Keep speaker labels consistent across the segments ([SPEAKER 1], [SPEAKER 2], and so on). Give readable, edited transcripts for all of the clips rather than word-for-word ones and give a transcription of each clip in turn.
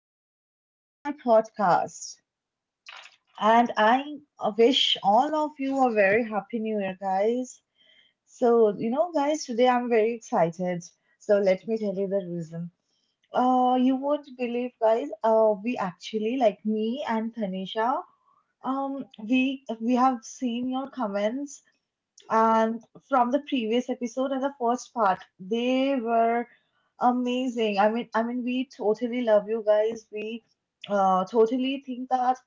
[SPEAKER 1] welcome back to my podcast. And I wish all of you a very happy new year, guys. So, you know, guys, today I'm very excited. So, let me tell you the reason. You won't believe, guys. We actually, like me and Tanisha, we have seen your comments and from the previous episode and the first part, they were amazing. I mean, we totally love you, guys. We totally think that,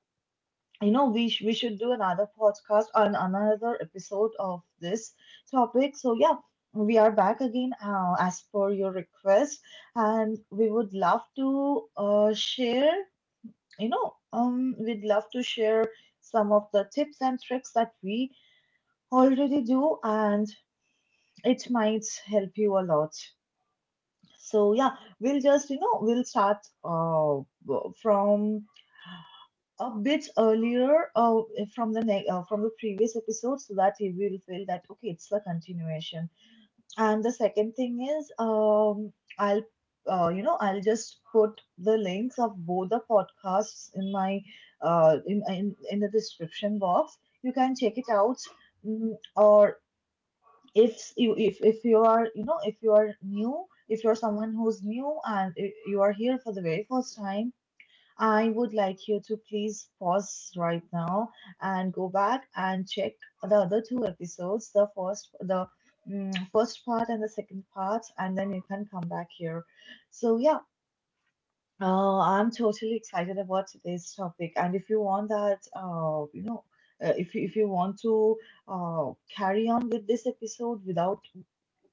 [SPEAKER 1] you know, we should do another podcast, on another episode of this topic. So yeah, we are back again, as per your request, and we would love to share, you know, we'd love to share some of the tips and tricks that we already do, and it might help you a lot. So yeah, we'll just, you know, we'll start uh from a bit earlier, from the previous episode, so that you will feel that, okay, it's the continuation. And the second thing is, I'll, you know, I'll just put the links of both the podcasts in my in the description box. You can check it out. Or, if you are, you know, if you are new, if you're someone who's new, and you are here for the very first time, I would like you to please pause right now and go back and check the other two episodes, the first, the first part, and the second part, and then you can come back here. So yeah, I'm totally excited about today's topic. And if you want that, you know, if you want to carry on with this episode without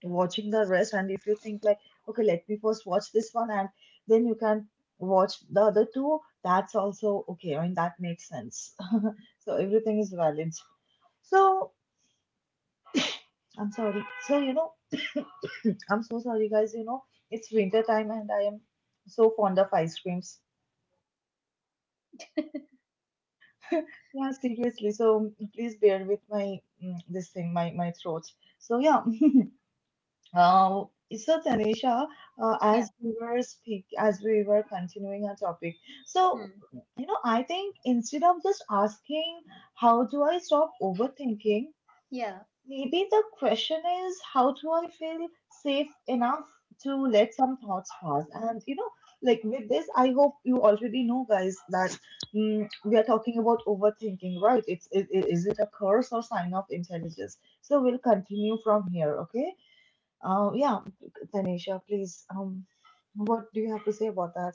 [SPEAKER 1] watching the rest, and if you think like, okay, let me first watch this one and then you can watch the other two, that's also okay. I mean, that makes sense. So everything is valid. So I'm sorry. So, you know, I'm so sorry, guys. You know, it's winter time, and I am so fond of ice creams. Yeah, seriously. So please bear with my, this thing, my throat. So yeah. Uh, so Tanisha,
[SPEAKER 2] Yeah.
[SPEAKER 1] as we were continuing our topic, so,
[SPEAKER 2] Hmm.
[SPEAKER 1] you know, I think, instead of just asking, how do I stop overthinking,
[SPEAKER 2] Yeah.
[SPEAKER 1] maybe the question is, how do I feel safe enough to let some thoughts pass? And you know, like, with this, I hope you already know, guys, that we are talking about overthinking, right? Is it a curse or sign of intelligence? So we'll continue from here, okay? Yeah, Tanisha, please. What do you have to say about that?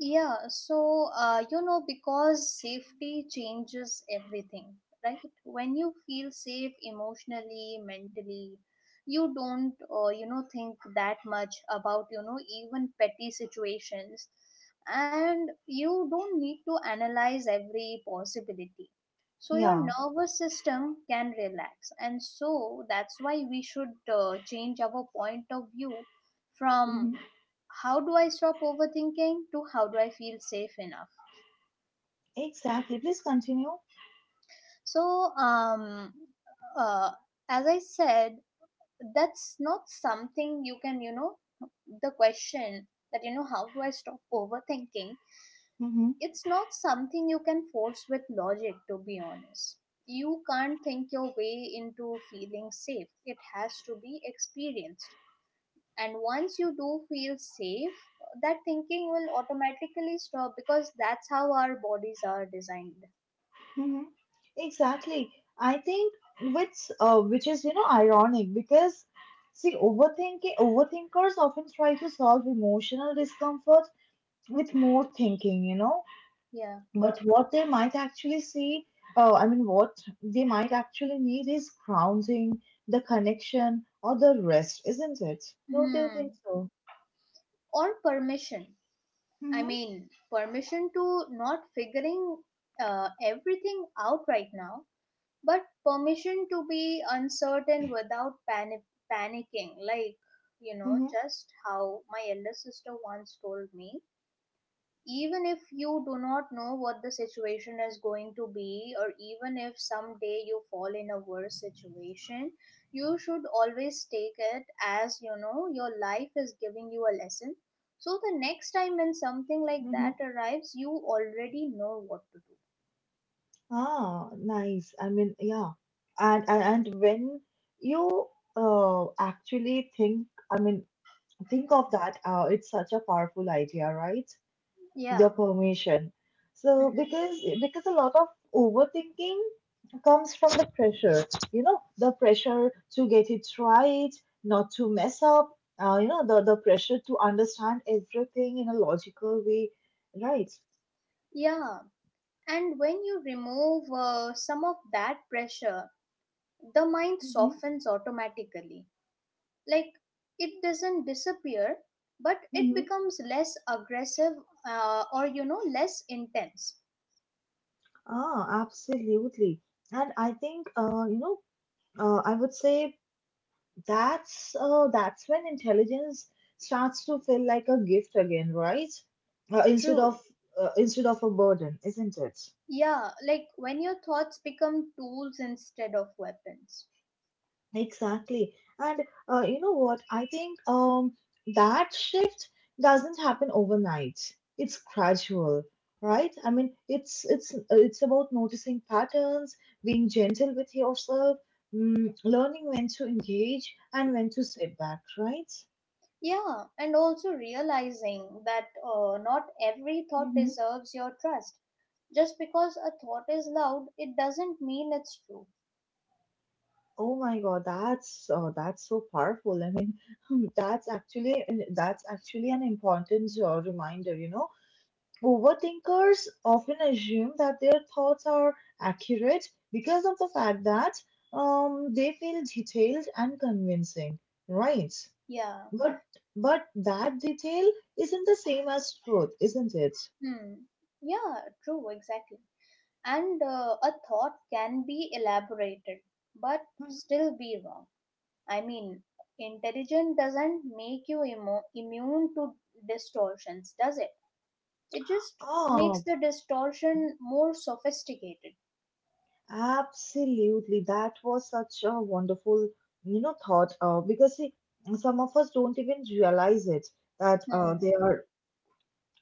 [SPEAKER 2] Yeah. So, you know, because safety changes everything, right? When you feel safe emotionally, mentally, you don't, you know, think that much about, you know, even petty situations. And you don't need to analyze every possibility. So, your
[SPEAKER 1] Yeah,
[SPEAKER 2] nervous system can relax. And so, that's why we should change our point of view from
[SPEAKER 1] hmm,
[SPEAKER 2] how do I stop overthinking to how do I feel safe enough.
[SPEAKER 1] exactly. Please continue.
[SPEAKER 2] So, uh, as I said, that's not something you can, you know, the question that, you know, how do I stop overthinking?
[SPEAKER 1] Mm-hmm.
[SPEAKER 2] It's not something you can force with logic, to be honest. You can't think your way into feeling safe, it has to be experienced. And once you do feel safe, that thinking will automatically stop because that's how our bodies are designed.
[SPEAKER 1] Mm-hmm. Exactly. I think, which is, you know, ironic because, see, overthinking overthinkers often try to solve emotional discomfort with more thinking. You know,
[SPEAKER 2] Yeah.
[SPEAKER 1] but what they might actually need is grounding, the connection, or the rest, isn't it? Don't you think
[SPEAKER 2] Hmm.
[SPEAKER 1] so?
[SPEAKER 2] Or permission. I
[SPEAKER 1] Mm-hmm,
[SPEAKER 2] mean, permission to not figuring everything out right now, but permission to be uncertain without panicking. Like, you know,
[SPEAKER 1] mm-hmm,
[SPEAKER 2] just how my elder sister once told me, even if you do not know what the situation is going to be, or even if someday you fall in a worse situation, you should always take it as, you know, your life is giving you a lesson. So the next time when something like
[SPEAKER 1] mm-hmm.
[SPEAKER 2] that arrives, you already know what to do.
[SPEAKER 1] Ah, nice. I mean, yeah. And when you actually think, I mean, think of that, it's such a powerful idea, right?
[SPEAKER 2] Yeah.
[SPEAKER 1] The permission. So,
[SPEAKER 2] Hmm.
[SPEAKER 1] because a lot of overthinking comes from the pressure, you know, the pressure to get it right, not to mess up, you know, the pressure to understand everything in a logical way, right?
[SPEAKER 2] Yeah, and when you remove some of that pressure, the mind
[SPEAKER 1] Mm-hmm,
[SPEAKER 2] softens automatically. Like, it doesn't disappear, but it
[SPEAKER 1] mm-hmm.
[SPEAKER 2] becomes less aggressive, or, you know, less intense.
[SPEAKER 1] Ah, absolutely. And I think, you know, I would say, that's when intelligence starts to feel like a gift again, right? uh, instead
[SPEAKER 2] True.
[SPEAKER 1] of instead of a burden, isn't it?
[SPEAKER 2] Yeah, like when your thoughts become tools instead of weapons.
[SPEAKER 1] Exactly. And you know what I think, that shift doesn't happen overnight, it's gradual, right? I mean, it's about noticing patterns, being gentle with yourself, learning when to engage and when to step back, right?
[SPEAKER 2] Yeah, and also realizing that not every thought
[SPEAKER 1] Mm-hmm.
[SPEAKER 2] deserves your trust. Just because a thought is loud, it doesn't mean it's true.
[SPEAKER 1] Oh my God, that's so powerful. I mean, that's actually that's actually an important reminder. You know, overthinkers often assume that their thoughts are accurate because of the fact that, they feel detailed and convincing, right?
[SPEAKER 2] Yeah.
[SPEAKER 1] But but that detail isn't the same as truth, isn't it?
[SPEAKER 2] Hmm. Yeah. True, exactly. And a thought can be elaborated but
[SPEAKER 1] Mhm.
[SPEAKER 2] still be wrong. I mean, intelligence doesn't make you immune to distortions, does it? It just makes
[SPEAKER 1] Ah,
[SPEAKER 2] the distortion more sophisticated.
[SPEAKER 1] absolutely. That was such a wonderful, you know, thought, because, see, some of us don't even realize it, that
[SPEAKER 2] Hmm.
[SPEAKER 1] they are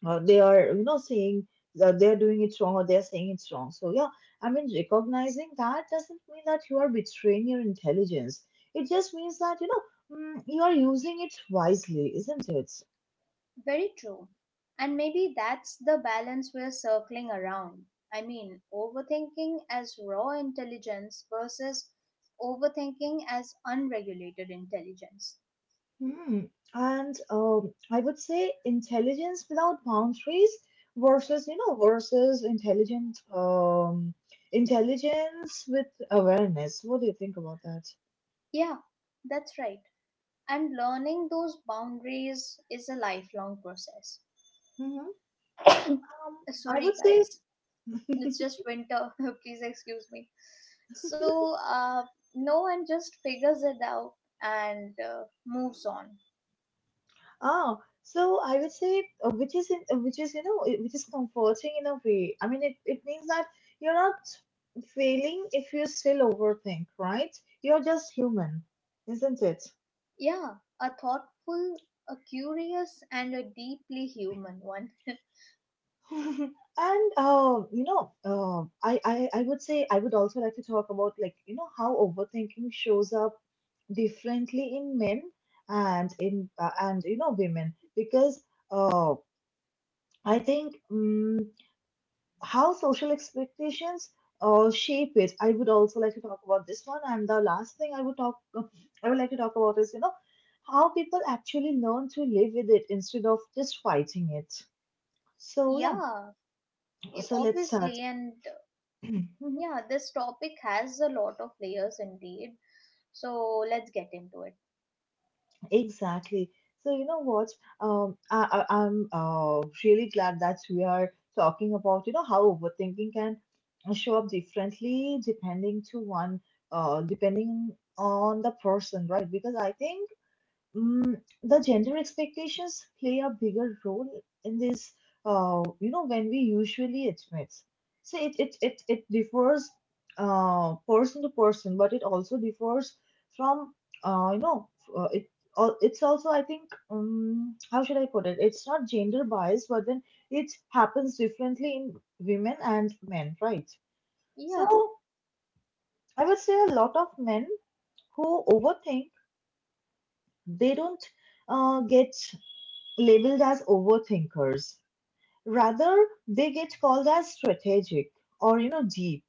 [SPEAKER 1] uh, they are, you know, saying that they're doing it wrong, or they're saying it's wrong. So yeah, I mean, recognizing that doesn't mean that you are betraying your intelligence. It just means that, you know, you are using it wisely, isn't it?
[SPEAKER 2] Very true. And maybe that's the balance we're circling around. I mean, overthinking as raw intelligence versus overthinking as unregulated intelligence.
[SPEAKER 1] Hmm. And, I would say, intelligence without boundaries versus, you know, versus intelligent intelligence with awareness. What do you think about that?
[SPEAKER 2] Yeah, that's right. And learning those boundaries is a lifelong process.
[SPEAKER 1] Hmm. Um, I would
[SPEAKER 2] Sorry,
[SPEAKER 1] say,
[SPEAKER 2] guys, it's just winter. Please excuse me. So, no one just figures it out and moves on.
[SPEAKER 1] ah, so I would say, which is, you know, which is comforting in a way. I mean, it means that you're not failing if you still overthink, right? You're just human, isn't it?
[SPEAKER 2] Yeah, a thoughtful, a curious, and a deeply human one.
[SPEAKER 1] And you know, I would say, I would also like to talk about, like, you know, how overthinking shows up differently in men and in and, you know, women, because uh, I think, how social expectations shape it. I would also like to talk about this one. And the last thing I would like to talk about is, you know, how people actually learn to live with it instead of just fighting it. So yeah,
[SPEAKER 2] Yeah,
[SPEAKER 1] so let's start.
[SPEAKER 2] obviously. And yeah, this topic has a lot of layers indeed. So, let's get into it.
[SPEAKER 1] Exactly. So you know what? I'm really glad that we are talking about, you know, how overthinking can show up differently, depending to one depending on the person, right? Because I think, the gender expectations play a bigger role in this, you know, when we usually admit. So it differs, person to person, but it also differs from, you know, uh, it. It's also, I think, how should I put it? It's not gender bias, but then it happens differently in women and men, right? So
[SPEAKER 2] Yeah.
[SPEAKER 1] I would say, a lot of men who overthink, they don't get labeled as overthinkers. Rather, they get called as strategic or, you know, deep.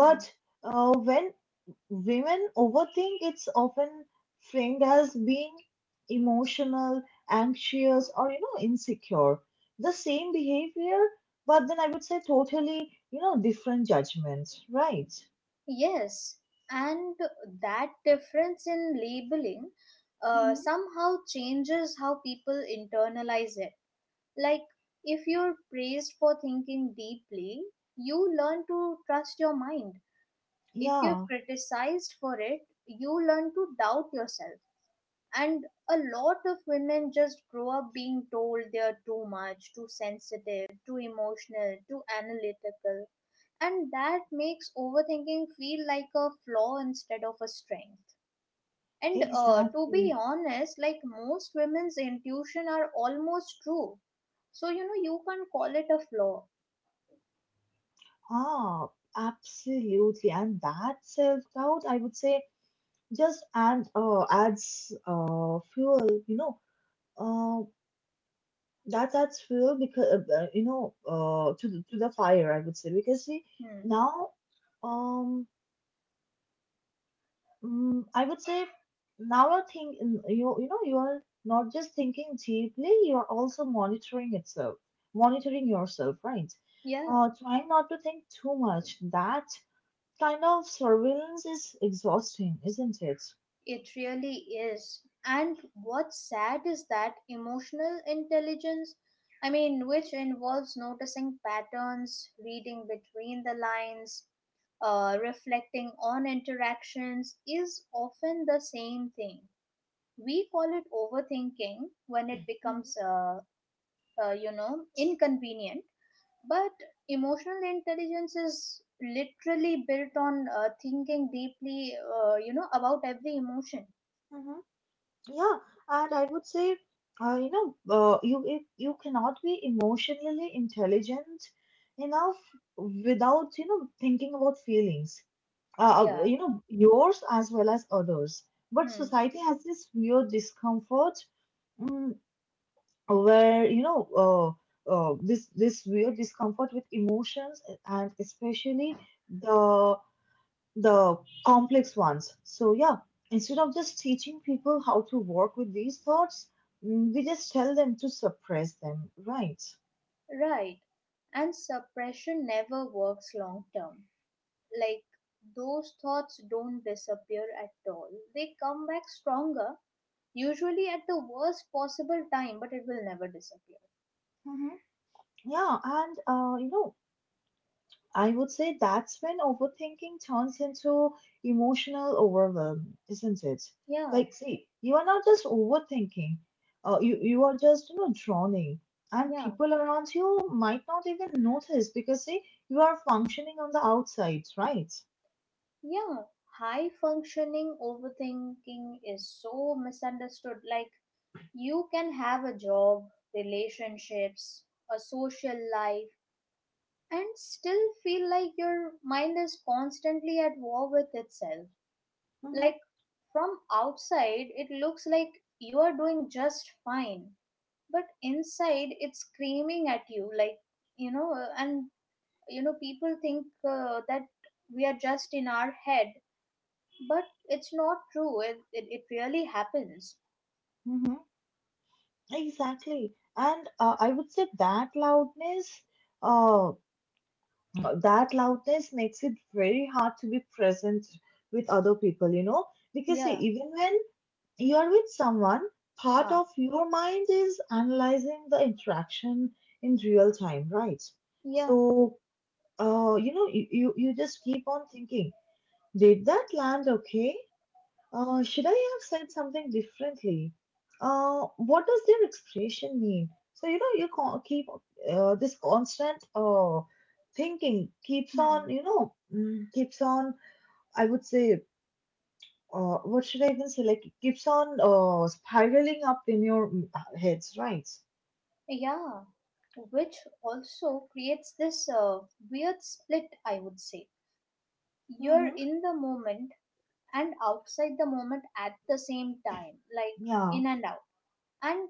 [SPEAKER 2] Hmm.
[SPEAKER 1] when women overthink, it's often framed as being emotional, anxious, or, you know, insecure. The same behavior, but then I would say totally, you know, different judgment, right?
[SPEAKER 2] Yes, and that difference in labeling
[SPEAKER 1] Hmm.
[SPEAKER 2] somehow changes how people internalize it. Like, if you're praised for thinking deeply, you learn to trust your mind. If you're
[SPEAKER 1] Yeah,
[SPEAKER 2] criticized for it, you learn to doubt yourself. And a lot of women just grow up being told they're too much, too sensitive, too emotional, too analytical, and that makes overthinking feel like a flaw instead of a strength. And to
[SPEAKER 1] exactly.
[SPEAKER 2] be honest, like, most women's intuition are almost true, so you know you can't call it a flaw.
[SPEAKER 1] Ah, absolutely. And that self-doubt, I would say, just and adds fuel, you know, uh, that adds fuel because, you know, to the fire, I would say, because, see,
[SPEAKER 2] Hmm.
[SPEAKER 1] now, um I would say, now you're thinking, you know, you're not just thinking deeply, you're also monitoring yourself, right?
[SPEAKER 2] Yeah,
[SPEAKER 1] Trying not to think too much. That kind of surveillance is exhausting, isn't it?
[SPEAKER 2] it really is. And what's sad is that emotional intelligence, I mean, which involves noticing patterns, reading between the lines, reflecting on interactions, is often the same thing we call it overthinking when it
[SPEAKER 1] Mhm,
[SPEAKER 2] becomes you know, inconvenient. But emotional intelligence is literally built on thinking deeply you know, about every emotion.
[SPEAKER 1] mhm. Yeah, and I would say, you know, you if you cannot be emotionally intelligent enough without, you know, thinking about feelings,
[SPEAKER 2] Yeah.
[SPEAKER 1] you know, yours as well as others. But
[SPEAKER 2] Hmm.
[SPEAKER 1] society has this weird discomfort, mm, where, you know, this weird discomfort with emotions, and especially the the complex ones. So, yeah, instead of just teaching people how to work with these thoughts, we just tell them to suppress them, right?
[SPEAKER 2] Right. And suppression never works long term. Like, those thoughts don't disappear at all, they come back stronger, usually at the worst possible time, but it will never disappear.
[SPEAKER 1] Mm-hmm. Yeah, and you know, I would say that's when overthinking turns into emotional overwhelm, isn't it?
[SPEAKER 2] Yeah.
[SPEAKER 1] Like, see, you are not just overthinking, you are just, you know, drowning, and
[SPEAKER 2] Yeah.
[SPEAKER 1] people around you might not even notice because, see, you are functioning on the outside, right?
[SPEAKER 2] Yeah, high functioning overthinking is so misunderstood. Like, you can have a job, relationships, a social life, and still feel like your mind is constantly at war with itself.
[SPEAKER 1] Mm-hmm,
[SPEAKER 2] Like, from outside, it looks like you are doing just fine, but inside, it's screaming at you. Like, you know, and you know, people think that we are just in our head. But it's not true. It really happens.
[SPEAKER 1] mm-hmm, exactly. And I would say that loudness, uh, makes it very hard to be present with other people, you know, because, see,
[SPEAKER 2] Yeah.
[SPEAKER 1] even when you are with someone, part
[SPEAKER 2] Huh.
[SPEAKER 1] of your mind is analyzing the interaction in real time, right?
[SPEAKER 2] Yeah.
[SPEAKER 1] So, you know, you just keep on thinking, did that land okay? Should I have said something differently? What does their expression mean? So, you know, you can keep this constant thinking keeps on,
[SPEAKER 2] Hmm.
[SPEAKER 1] you know, keeps on, I would say, what should I even say? Like, it keeps on spiraling up in your, heads, right?
[SPEAKER 2] Yeah. Which also creates this weird split, I would say. You're
[SPEAKER 1] Mm-hmm.
[SPEAKER 2] in the moment and outside the moment at the same time, like
[SPEAKER 1] Yeah.
[SPEAKER 2] in and out. And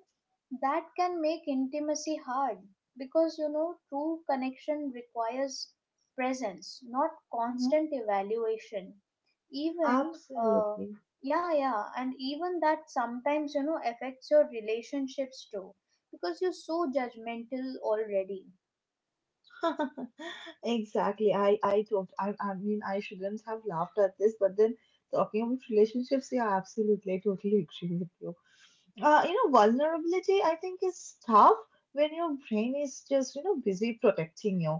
[SPEAKER 2] that can make intimacy hard because, you know, true connection requires presence, not
[SPEAKER 1] Mm-hmm.
[SPEAKER 2] constant evaluation. Even. uh
[SPEAKER 1] Absolutely.
[SPEAKER 2] yeah, yeah, and even that sometimes, you know, affects your relationships too because you're so judgmental already.
[SPEAKER 1] Exactly. I don't. I mean, I shouldn't have laughed at this, but then, talking about relationships, yeah, absolutely, I totally agree with you. You know, vulnerability, I think, is tough when your brain is just, you know, busy protecting you.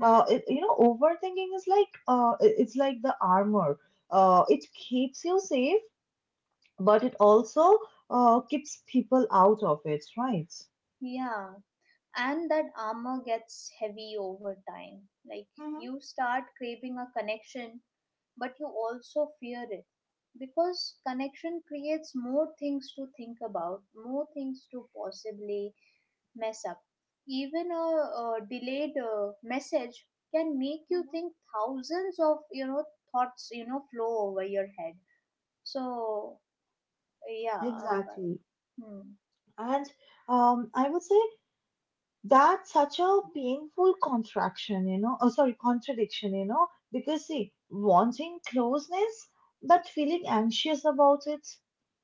[SPEAKER 1] You know, overthinking is like, it's like the armor. It keeps you safe, but it also keeps people out of it, right?
[SPEAKER 2] Yeah, and that armor gets heavy over time. Like,
[SPEAKER 1] hmm
[SPEAKER 2] you start craving a connection, but you also fear it, because connection creates more things to think about, more things to possibly mess up. Even a, delayed message can make you
[SPEAKER 1] hmm.
[SPEAKER 2] think thousands of, you know, thoughts, you know, flow over your head. So yeah, but-
[SPEAKER 1] Exactly.
[SPEAKER 2] hmm,
[SPEAKER 1] And I would say that's such a painful contraction, oh, sorry, contradiction, because see, wanting closeness but feeling anxious about it.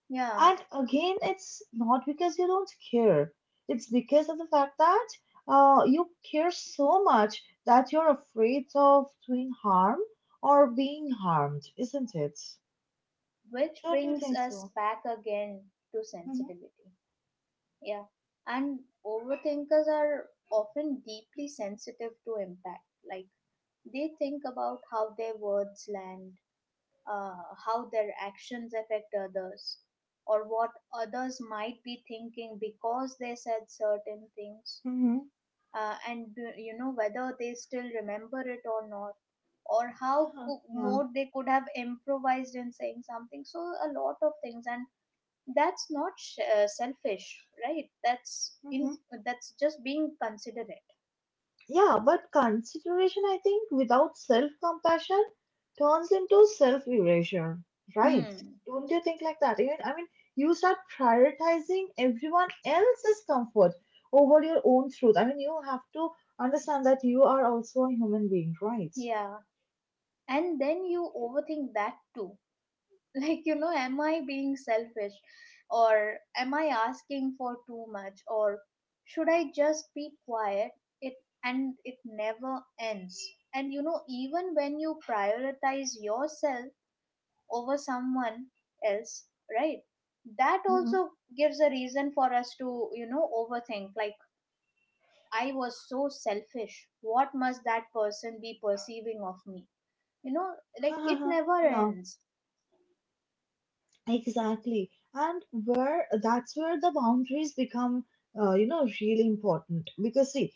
[SPEAKER 2] yeah,
[SPEAKER 1] And again, it's not because you don't care, it's because of the fact that you care so much that you're afraid of doing harm or being harmed, isn't it?
[SPEAKER 2] which
[SPEAKER 1] Don't you
[SPEAKER 2] brings
[SPEAKER 1] think
[SPEAKER 2] us
[SPEAKER 1] so?
[SPEAKER 2] back again to
[SPEAKER 1] Mm-hmm.
[SPEAKER 2] sensitivity. Yeah, and overthinkers are often deeply sensitive to impact. Like, they think about how their words land, how their actions affect others, or what others might be thinking because they said certain things,
[SPEAKER 1] Mm-hmm.
[SPEAKER 2] and you know, whether they still remember it or not, or how
[SPEAKER 1] Yeah.
[SPEAKER 2] more they could have improvised in saying something, so a lot of things. And that's not selfish, right?
[SPEAKER 1] Mm-hmm.
[SPEAKER 2] That's just being considerate.
[SPEAKER 1] Yeah, but consideration, I think, without self compassion turns into self erasure, right?
[SPEAKER 2] Hmm.
[SPEAKER 1] Don't you think like that? Even, I mean, you start prioritizing everyone else's comfort over your own truth. I mean, you have to understand that you are also a human being, right?
[SPEAKER 2] Yeah, and then you overthink that too. Like, you know, am I being selfish, or am I asking for too much, or should I just be quiet? It And it never ends. And you know, even when you prioritize yourself over someone else, right, that also gives a reason for us to, you know, overthink. Like, I was so selfish, what must that person be perceiving of me, you know? Like, it
[SPEAKER 1] Mm-hmm.
[SPEAKER 2] never
[SPEAKER 1] Yeah,
[SPEAKER 2] ends.
[SPEAKER 1] exactly. And where that's where the boundaries become, you know, really important. Because see,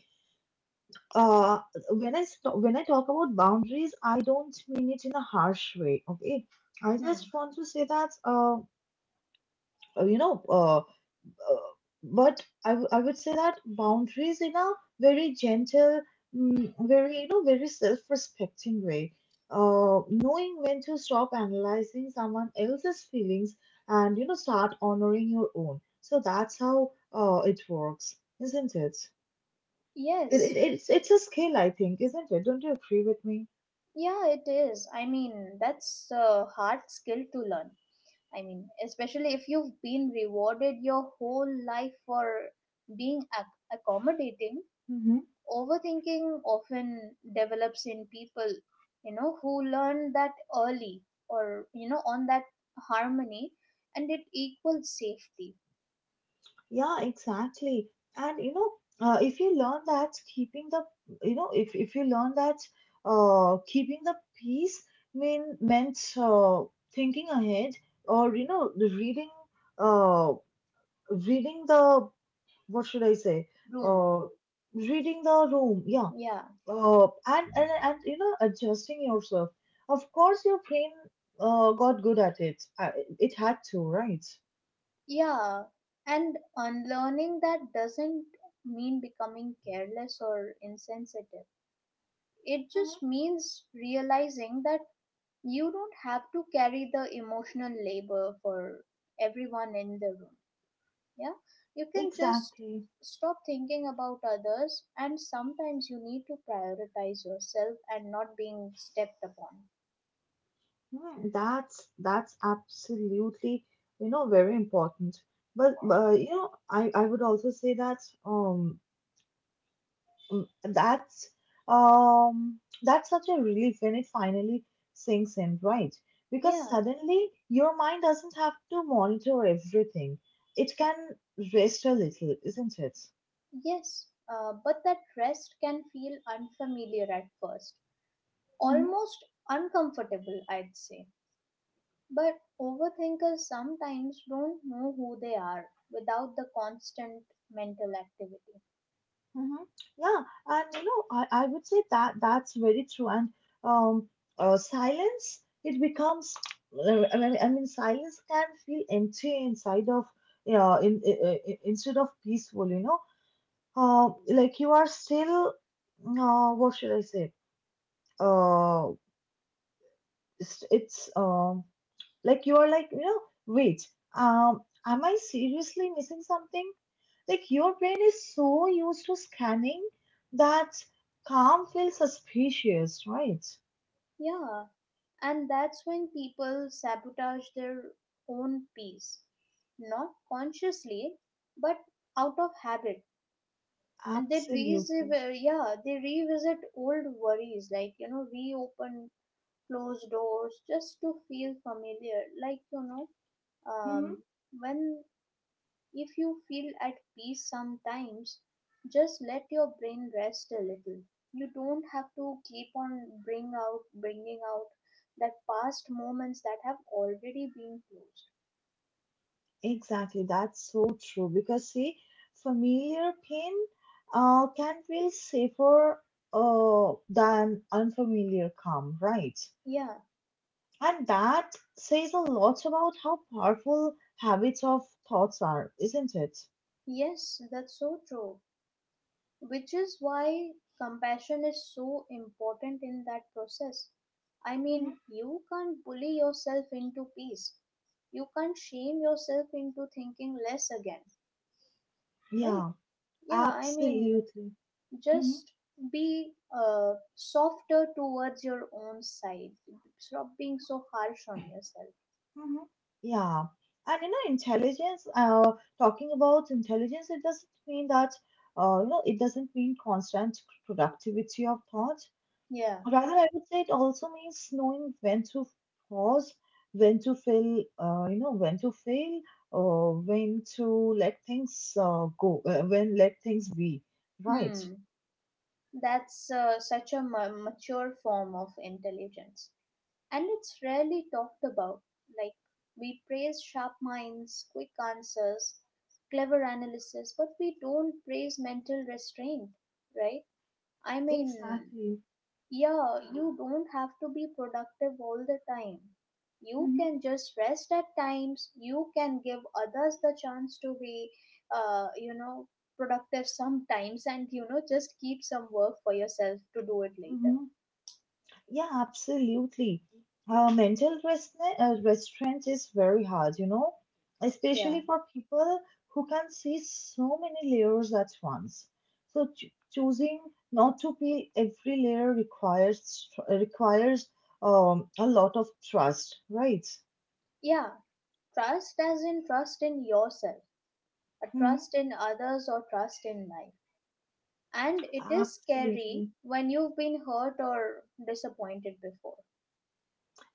[SPEAKER 1] uh, when when I talk about boundaries, I don't mean it in a harsh way. Okay, I
[SPEAKER 2] Hmm.
[SPEAKER 1] just want to say that you know, uh, but I would say that boundaries in a very gentle, very you know, very self-respecting way. Knowing when to stop analyzing someone else's feelings and you know start honoring your own. So that's how it works, isn't it? It, it,
[SPEAKER 2] Yes.
[SPEAKER 1] it's it's a skill, I think, isn't it? Don't you agree with me?
[SPEAKER 2] Yeah, it is. I mean, that's a hard skill to learn. I mean, especially if you've been rewarded your whole life for being accommodating.
[SPEAKER 1] Mm-hmm.
[SPEAKER 2] Overthinking often develops in people, you know, who learn that early, or, you know, on that harmony, and it equals safety.
[SPEAKER 1] Yeah, exactly. And you know, if you learn that keeping the, you know, if you learn that keeping the peace meant thinking ahead or you know the reading uh reading the what should I say
[SPEAKER 2] Room.
[SPEAKER 1] uh reading the room. Yeah,
[SPEAKER 2] Yeah.
[SPEAKER 1] oh, and you know, adjusting yourself. Of course, your brain got good at it. It had to, right?
[SPEAKER 2] Yeah. And unlearning that doesn't mean becoming careless or insensitive. It
[SPEAKER 1] Mhm.
[SPEAKER 2] just means realizing that you don't have to carry the emotional labor for everyone in the room. Yeah, you can just
[SPEAKER 1] Exactly.
[SPEAKER 2] stop thinking about others, and sometimes you need to prioritize yourself and not being stepped upon.
[SPEAKER 1] Hmm, that's absolutely, you know, very important. But you know, I would also say that um Mm, that's that's such a relief when it finally sinks in, right? Because
[SPEAKER 2] Yeah.
[SPEAKER 1] suddenly your mind doesn't have to monitor everything, it can rest a little, isn't it?
[SPEAKER 2] Yes, but that rest can feel unfamiliar at first,
[SPEAKER 1] Mm-hmm.
[SPEAKER 2] almost uncomfortable, I'd say. But overthinkers sometimes don't know who they are without the constant mental activity.
[SPEAKER 1] Mm-hmm. Yeah, and you know I would say that that's very true, and um silence it becomes I mean silence can feel empty inside of yeah instead of peaceful, you know, like you are still what should I say? Uh, it's Like you are like you know, wait, am I seriously missing something? Like your brain is so used to scanning that calm feels suspicious, right?
[SPEAKER 2] Yeah, and that's when people sabotage their own peace, not consciously, but out of habit. And they revisit,
[SPEAKER 1] Absolutely.
[SPEAKER 2] yeah, they revisit old worries, like, you know, reopen closed doors just to feel familiar. Like, you know,
[SPEAKER 1] Mm-hmm.
[SPEAKER 2] um, when. If you feel at peace sometimes, just let your brain rest a little. You don't have to keep on bringing out that past moments that have already been closed.
[SPEAKER 1] Exactly, that's so true because see, familiar pain can feel safer than unfamiliar calm, right?
[SPEAKER 2] Yeah.
[SPEAKER 1] And that says a lot about how powerful habits of thoughts are, isn't it?
[SPEAKER 2] Yes, that's so true. Which is why compassion is so important in that process. I
[SPEAKER 1] Mhm.
[SPEAKER 2] mean, you can't bully yourself into peace. You can't shame yourself into thinking less again, right?
[SPEAKER 1] Yeah,
[SPEAKER 2] Yeah, I mean,
[SPEAKER 1] absolutely. Mhm,
[SPEAKER 2] just be softer towards your own side, stop being so harsh on yourself.
[SPEAKER 1] mhm. Yeah. And you know, intelligence, talking about intelligence, it doesn't mean that, you know, it doesn't mean constant productivity of thought.
[SPEAKER 2] Yeah.
[SPEAKER 1] Rather, I would say it also means knowing when to pause, you know, when to fail, or when to let things go, when let things be. Right.
[SPEAKER 2] Hmm. That's such a mature form of intelligence, and it's rarely talked about. Like, we praise sharp minds, quick answers, clever analysis, but we don't praise mental restraint, right? I mean,
[SPEAKER 1] Exactly.
[SPEAKER 2] yeah, you don't have to be productive all the time. You can just rest at times. You can give others the chance to be, you know, productive sometimes, and, you know, just keep some work for yourself to do it later.
[SPEAKER 1] Mm-hmm. Yeah, absolutely. Mental restraint is very hard, you know,
[SPEAKER 2] Yeah.
[SPEAKER 1] especially for people who can see so many layers at once. So choosing not to peel every layer requires a lot of trust, right?
[SPEAKER 2] Yeah. Trust as in trust in yourself, a
[SPEAKER 1] Hmm.
[SPEAKER 2] trust in others, or trust in life. And it is scary
[SPEAKER 1] Absolutely.
[SPEAKER 2] when you've been hurt or disappointed before.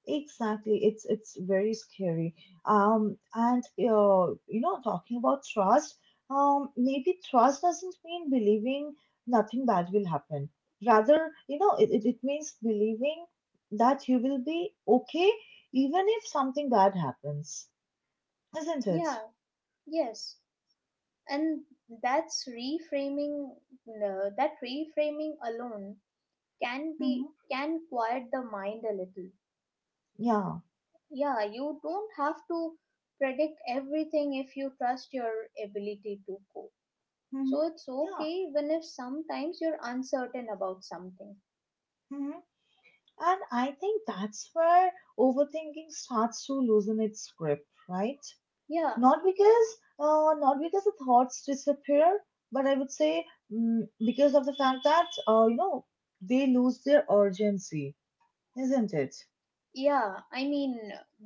[SPEAKER 1] Exactly, it's very scary. And You know, talking about trust, maybe trust doesn't mean believing nothing bad will happen. Rather, you know, it means believing that you will be okay even if something bad happens, isn't it?
[SPEAKER 2] Yeah. Yes. and that's reframing no, That reframing alone can be
[SPEAKER 1] Mm-hmm.
[SPEAKER 2] can quiet the mind a little.
[SPEAKER 1] Yeah.
[SPEAKER 2] Yeah, you don't have to predict everything if you trust your ability to cope.
[SPEAKER 1] Mm-hmm.
[SPEAKER 2] So it's
[SPEAKER 1] Yeah.
[SPEAKER 2] okay even if sometimes you're uncertain about something.
[SPEAKER 1] Mm-hmm. And I think that's where overthinking starts to loosen its grip, right?
[SPEAKER 2] Yeah.
[SPEAKER 1] Not because, Not because the thoughts disappear, but I would say because of the fact that, you know, they lose their urgency, isn't it?
[SPEAKER 2] Yeah, I mean,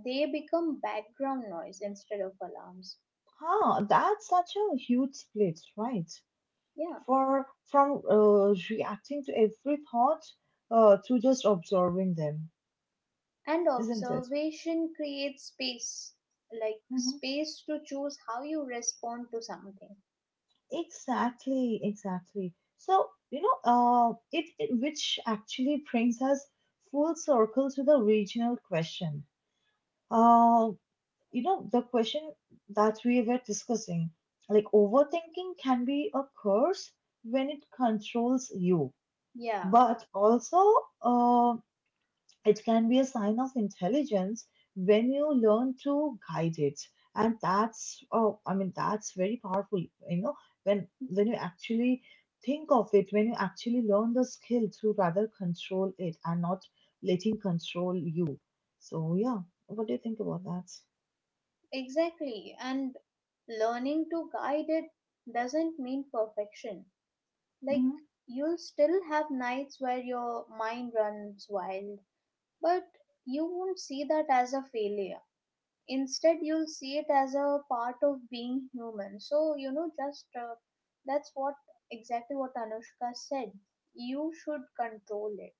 [SPEAKER 2] they become background noise instead of alarms.
[SPEAKER 1] Huh, that's such a huge split, right?
[SPEAKER 2] Yeah.
[SPEAKER 1] For from reacting to every thought to just observing them,
[SPEAKER 2] And
[SPEAKER 1] isn't it?
[SPEAKER 2] observation creates space, like
[SPEAKER 1] Hmm.
[SPEAKER 2] space to choose how you respond to something.
[SPEAKER 1] Exactly, exactly. So, you know, it, it which actually brings us full circle to the regional question. Uh, you know, the question that we were discussing, like overthinking can be a curse when it controls you,
[SPEAKER 2] Yeah,
[SPEAKER 1] but also uh, it can be a sign of intelligence when you learn to guide it. And that's, oh, I mean, that's very powerful, you know, when you actually think of it, when you actually learn the skill to rather control it and not letting control you. So yeah, what do you think about that?
[SPEAKER 2] exactly. And learning to guide it doesn't mean perfection. Like,
[SPEAKER 1] Mhm.
[SPEAKER 2] you'll still have nights where your mind runs wild, but you won't see that as a failure. Instead, you'll see it as a part of being human. So you know, just that's what exactly what Anushka said. You should control it,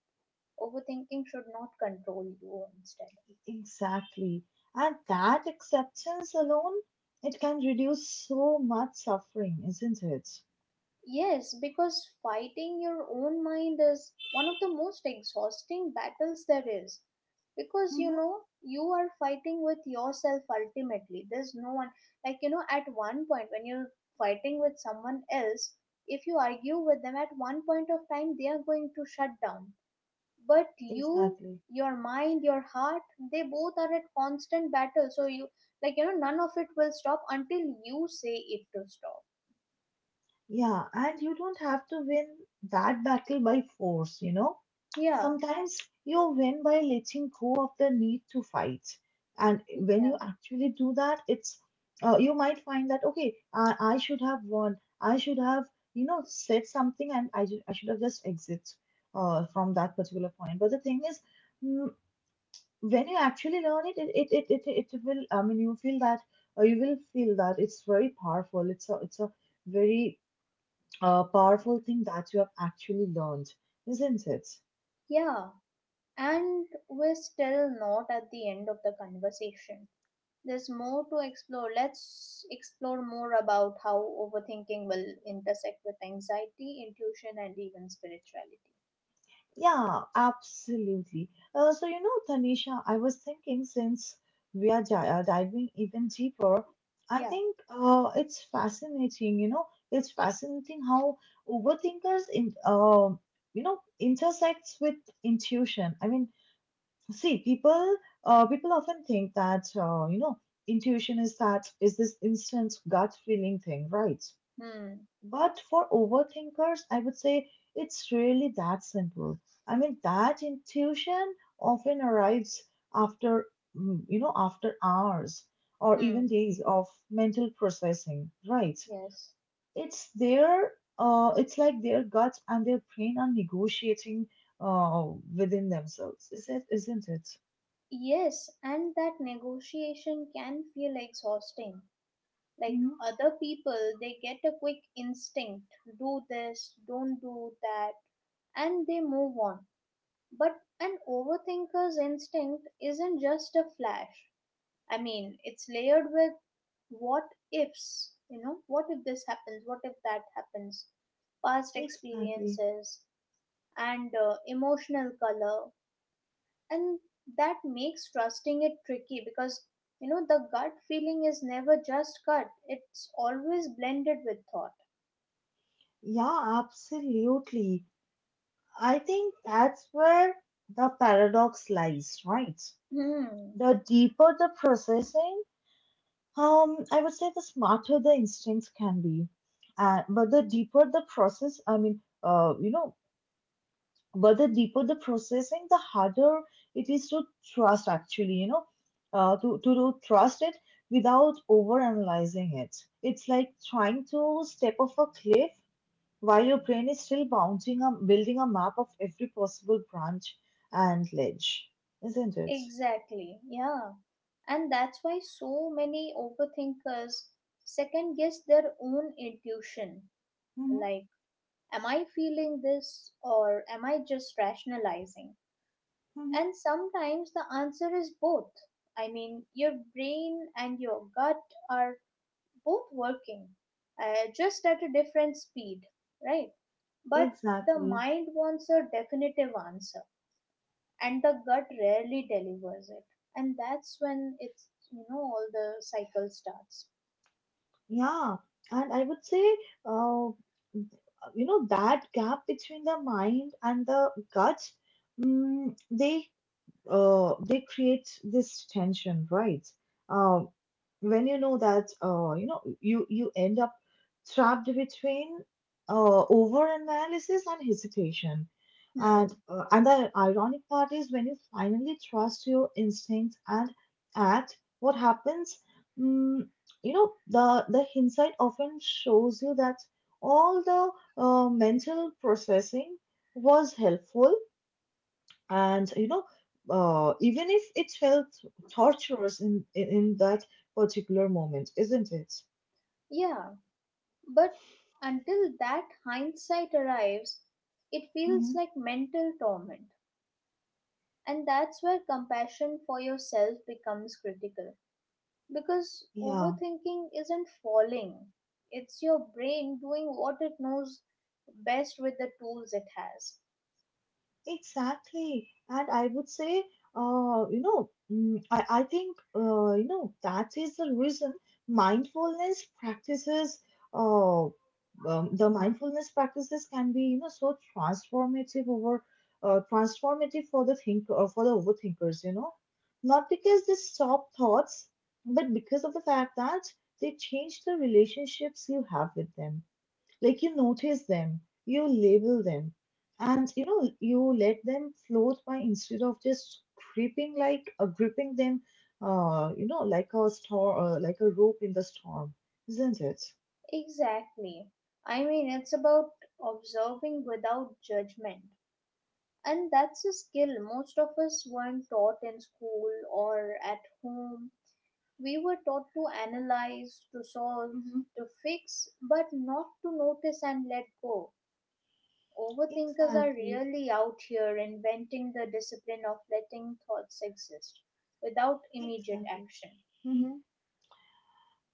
[SPEAKER 2] overthinking should not control you instead.
[SPEAKER 1] Exactly. And that acceptance alone, it can reduce so much suffering, isn't it?
[SPEAKER 2] Yes, because fighting your own mind is one of the most exhausting battles there is. Because you
[SPEAKER 1] Mhm.
[SPEAKER 2] know, you are fighting with yourself ultimately. There's no one, like, you know, at one point when you're fighting with someone else, if you argue with them at one point of time, they are going to shut down. But you,
[SPEAKER 1] Exactly.
[SPEAKER 2] your mind, your heart, they both are at constant battle. So you, none of it will stop until you say it to stop.
[SPEAKER 1] Yeah, and you don't have to win that battle by force, you know.
[SPEAKER 2] Yeah,
[SPEAKER 1] Sometimes you win by letting go of the need to fight. And when
[SPEAKER 2] yeah,
[SPEAKER 1] you actually do that, it's you might find that okay, I should have won. I should have, you know, said something, and I should have just exit from that particular point. But the thing is, mm, when you actually learn it, it will. I mean, you feel that, or you will feel that it's very powerful. It's a very a powerful thing that you have actually learned, isn't it?
[SPEAKER 2] yeah. And we're still not at the end of the conversation. There's more to explore. Let's explore more about how overthinking will intersect with anxiety, intuition, and even spirituality.
[SPEAKER 1] Yeah, absolutely. So, you know, Tanisha, I was thinking since we are diving even deeper, I
[SPEAKER 2] Yeah.
[SPEAKER 1] think it's fascinating, you know, it's fascinating how overthinkers you know, intersects with intuition. I mean, see, people, people often think that, you know, intuition is that is this instant gut feeling thing, right?
[SPEAKER 2] Hmm.
[SPEAKER 1] But for overthinkers, I would say it's really that simple. I mean, that intuition often arrives after, you know, after hours or even
[SPEAKER 2] Hmm.
[SPEAKER 1] days of mental processing, right?
[SPEAKER 2] Yes.
[SPEAKER 1] It's their, it's like their gut and their brain are negotiating uh, within themselves, isn't it?
[SPEAKER 2] Yes, and that negotiation can feel exhausting. Like
[SPEAKER 1] Hmm.
[SPEAKER 2] other people, they get a quick instinct: do this, don't do that, and they move on. But an overthinker's instinct isn't just a flash. I mean, it's layered with what ifs, what if this happens, what if that happens, past
[SPEAKER 1] Exactly.
[SPEAKER 2] experiences, and emotional color. And that makes trusting it tricky because, the gut feeling is never just gut, it's always blended with thought.
[SPEAKER 1] Yeah, absolutely. I think that's where the paradox lies, right?
[SPEAKER 2] Hmm.
[SPEAKER 1] The deeper the processing, I would say the smarter the instincts can be. But the deeper the process, I mean, You know, but the deeper the processing, the harder it is to trust actually, you know, to trust it without overanalyzing it. It's like trying to step off a cliff while your brain is still building a map of every possible branch and ledge, isn't it?
[SPEAKER 2] Exactly, yeah. And that's why so many overthinkers second guess their own intuition.
[SPEAKER 1] Hmm.
[SPEAKER 2] Like, am I feeling this or am I just rationalizing?
[SPEAKER 1] Hmm.
[SPEAKER 2] And sometimes the answer is both. I mean, your brain and your gut are both working, just at a different speed, right? But the
[SPEAKER 1] Exactly.
[SPEAKER 2] mind wants a definitive answer and the gut rarely delivers it, and that's when it's you know all the cycle starts.
[SPEAKER 1] Yeah, and I would say, uh, you know, that gap between the mind and the gut, mm, they they create this tension, right? Um, when you know that, you know, you end up trapped between over analysis and hesitation,
[SPEAKER 2] Hmm.
[SPEAKER 1] and the ironic part is when you finally trust your instinct and act, what happens? Mm, you know, the hindsight often shows you that all the mental processing was helpful and you know even if it felt torturous in that particular moment, isn't it?
[SPEAKER 2] Yeah, but until that hindsight arrives, it feels
[SPEAKER 1] Hmm.
[SPEAKER 2] like mental torment. And that's where compassion for yourself becomes critical, because
[SPEAKER 1] Yeah.
[SPEAKER 2] overthinking isn't falling, it's your brain doing what it knows best with the tools it has.
[SPEAKER 1] Exactly. And I would say, you know, I think, you know, that is the reason mindfulness practices, uh, the mindfulness practices can be, you know, so transformative over, transformative for the thinker or for the overthinkers, you know, not because they stop thoughts, but because of the fact that they change the relationships you have with them, like you notice them, you label them, and you know you let them float by instead of just gripping like gripping them, you know, like a rope in the storm, isn't it?
[SPEAKER 2] Exactly. I mean, it's about observing without judgment. And that's a skill most of us weren't taught in school or at home. We were taught to analyze, to solve,
[SPEAKER 1] Hmm.
[SPEAKER 2] to fix, but not to notice and let go. Overthinkers are
[SPEAKER 1] Exactly.
[SPEAKER 2] really out here inventing the discipline of letting thoughts exist without immediate
[SPEAKER 1] Exactly.
[SPEAKER 2] action.
[SPEAKER 1] Mhm.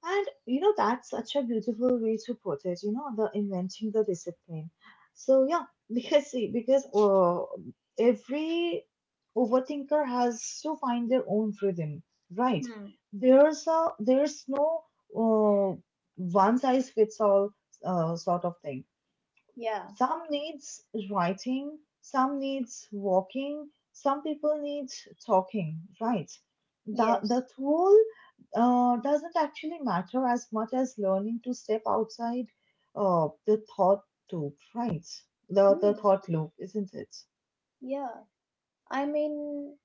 [SPEAKER 1] And you know, that's such a beautiful way to put it, you know, the inventing the discipline. So yeah, because see, because every overthinker has to find their own rhythm, right?
[SPEAKER 2] Hmm.
[SPEAKER 1] There's no uh, one size fits all sort of thing.
[SPEAKER 2] Yeah.
[SPEAKER 1] Some needs writing, some needs walking, some people need talking, right? The,
[SPEAKER 2] Yes.
[SPEAKER 1] the tool doesn't actually matter as much as learning to step outside the thought loop, right? The
[SPEAKER 2] Hmm.
[SPEAKER 1] thought loop, isn't it?
[SPEAKER 2] Yeah. I mean,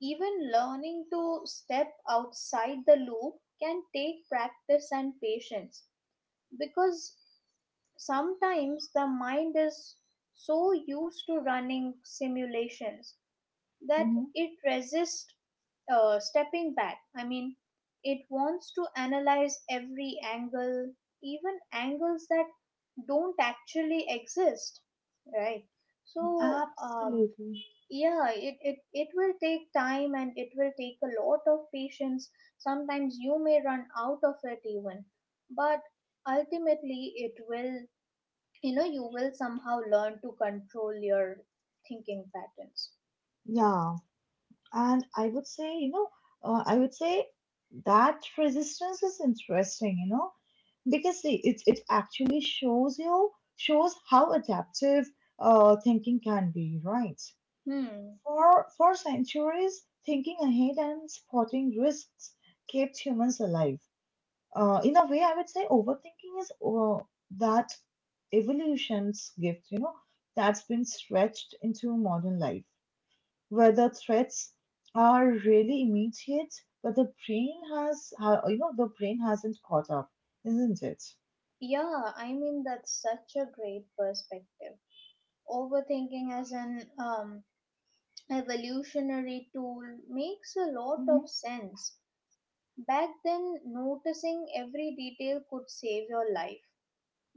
[SPEAKER 2] even learning to step outside the loop can take practice and patience, because sometimes the mind is so used to running simulations that
[SPEAKER 1] Hmm.
[SPEAKER 2] it resists stepping back. I mean, it wants to analyze every angle, even angles that don't actually exist, right? So,
[SPEAKER 1] Absolutely.
[SPEAKER 2] yeah it it will take time and it will take a lot of patience. Sometimes you may run out of it even, but ultimately it will, you know, you will somehow learn to control your thinking patterns.
[SPEAKER 1] Yeah. And I would say, you know, I would say that resistance is interesting, you know, because see, it actually shows how adaptive thinking can be, right?
[SPEAKER 2] Hmm.
[SPEAKER 1] For centuries, thinking ahead and spotting risks kept humans alive. In a way, I would say overthinking is that evolution's gift, you know, that's been stretched into modern life, where the threats are really immediate, but the brain has, ha- you know, the brain hasn't caught up, isn't it?
[SPEAKER 2] Yeah, I mean that's such a great perspective. Overthinking as an evolutionary tool makes a lot
[SPEAKER 1] Mm-hmm.
[SPEAKER 2] of sense. Back then noticing every detail could save your life.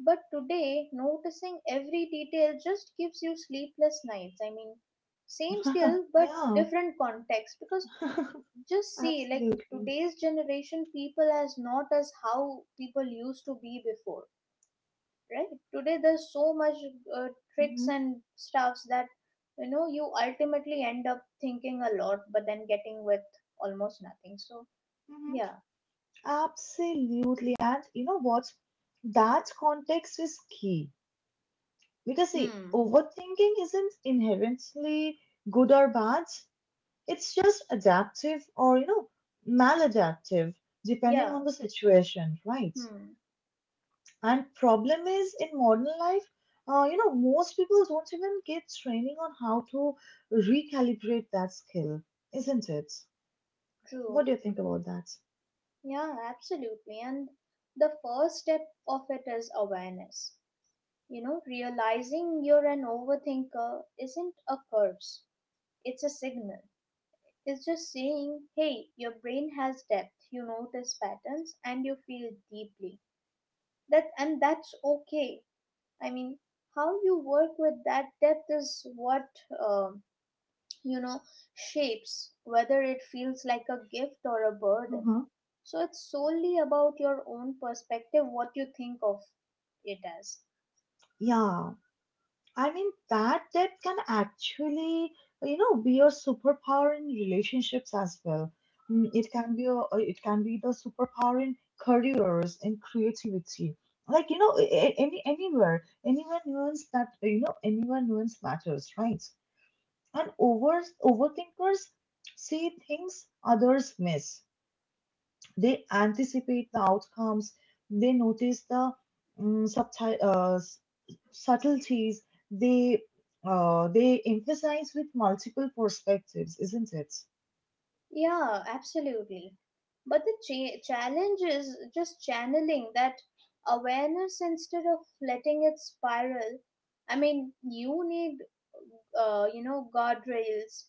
[SPEAKER 2] But today, noticing every detail just gives you sleepless nights. I mean, same skill but
[SPEAKER 1] Yeah,
[SPEAKER 2] different context, because just see, like,
[SPEAKER 1] absolutely.
[SPEAKER 2] today's generation, people as not as how people used to be before, right? Today, there's so much uh, tricks
[SPEAKER 1] Hmm.
[SPEAKER 2] and stuffs that, you know, you ultimately end up thinking a lot, but then getting with almost nothing. So,
[SPEAKER 1] Hmm.
[SPEAKER 2] yeah.
[SPEAKER 1] Absolutely. And you know what? That context is key. Because see,
[SPEAKER 2] Hmm.
[SPEAKER 1] overthinking isn't inherently good or bad. It's just adaptive or, you know, maladaptive, depending
[SPEAKER 2] Yeah.
[SPEAKER 1] on the situation, right?
[SPEAKER 2] Hmm.
[SPEAKER 1] And problem is in modern life, most people don't even get training on how to recalibrate that skill, isn't it? What
[SPEAKER 2] True.
[SPEAKER 1] do you think about that?
[SPEAKER 2] Yeah, absolutely. And the first step of it is awareness. You know, realizing you're an overthinker isn't a curse, it's a signal. It's just saying, hey, your brain has depth, you notice patterns, and you feel deeply. That, and that's okay. I mean, how you work with that depth is what, um you know, shapes whether it feels like a gift or a burden.
[SPEAKER 1] Mm-hmm.
[SPEAKER 2] So it's solely about your own perspective, what you think of it as.
[SPEAKER 1] Yeah, I mean that depth can actually, you know, be a superpower in relationships as well. Mm, it can be a, it can be the superpower in careers and creativity. Like, you know, anywhere, anyone nuance that, you know, anyone nuance matters, right? And overthinkers see things others miss. They anticipate the outcomes, they notice the mm, subti- uh, s- subtleties, they they emphasize with multiple perspectives, isn't it?
[SPEAKER 2] Yeah, absolutely. But the challenge is just channeling that awareness instead of letting it spiral. I mean, you need you know, guardrails,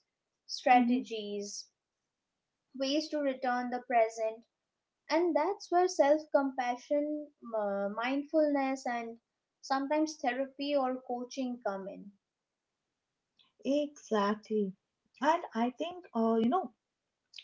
[SPEAKER 1] Hmm.
[SPEAKER 2] strategies, ways to return the present. And that's where self compassion, mindfulness, and sometimes therapy or coaching come in.
[SPEAKER 1] Exactly. And I think,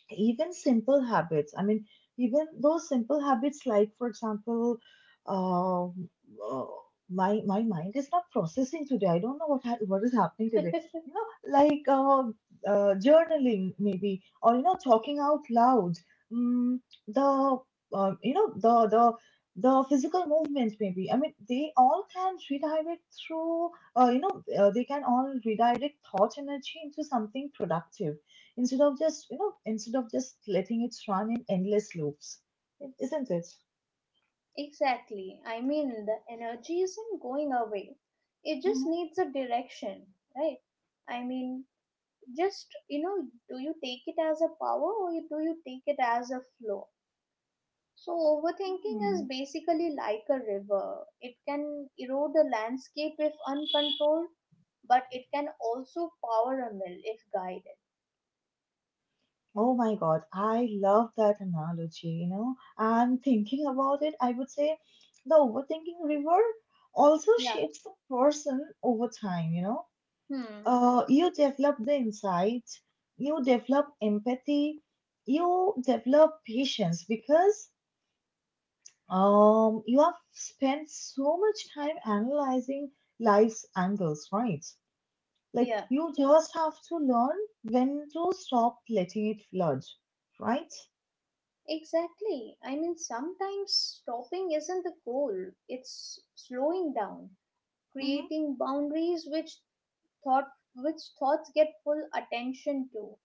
[SPEAKER 1] even simple habits i mean even those simple habits like, for example, um, uh, my mind is not processing today. I don't know what what is happening today. You know, like journaling maybe, or you know, talking out loud, mm, the you know the physical movements maybe. I mean, they all can redirect through you know they can all redirect thought energy into something productive, instead of just you know instead of just letting it run in endless loops, isn't it?
[SPEAKER 2] Exactly, I mean the energy isn't going away, it just
[SPEAKER 1] Mhm.
[SPEAKER 2] needs a direction, right? I mean, just, you know, do you take it as a power or do you take it as a flow? So overthinking is
[SPEAKER 1] Hmm.
[SPEAKER 2] basically like a river: it can erode a landscape if uncontrolled, but it can also power a mill if guided.
[SPEAKER 1] Oh my god, I love that analogy, you know, and thinking about it, I would say the overthinking river also
[SPEAKER 2] Yeah.
[SPEAKER 1] shapes the person over time, you know.
[SPEAKER 2] Hmm.
[SPEAKER 1] Uh, you develop the insight, you develop empathy, you develop patience because, you have spent so much time analyzing life's angles, right? Like,
[SPEAKER 2] Yeah,
[SPEAKER 1] you just have to learn when to stop letting it flood, right?
[SPEAKER 2] exactly. I mean, sometimes stopping isn't the goal. It's slowing down,
[SPEAKER 1] Mm-hmm.
[SPEAKER 2] creating boundaries, which thought which thoughts get full attention to.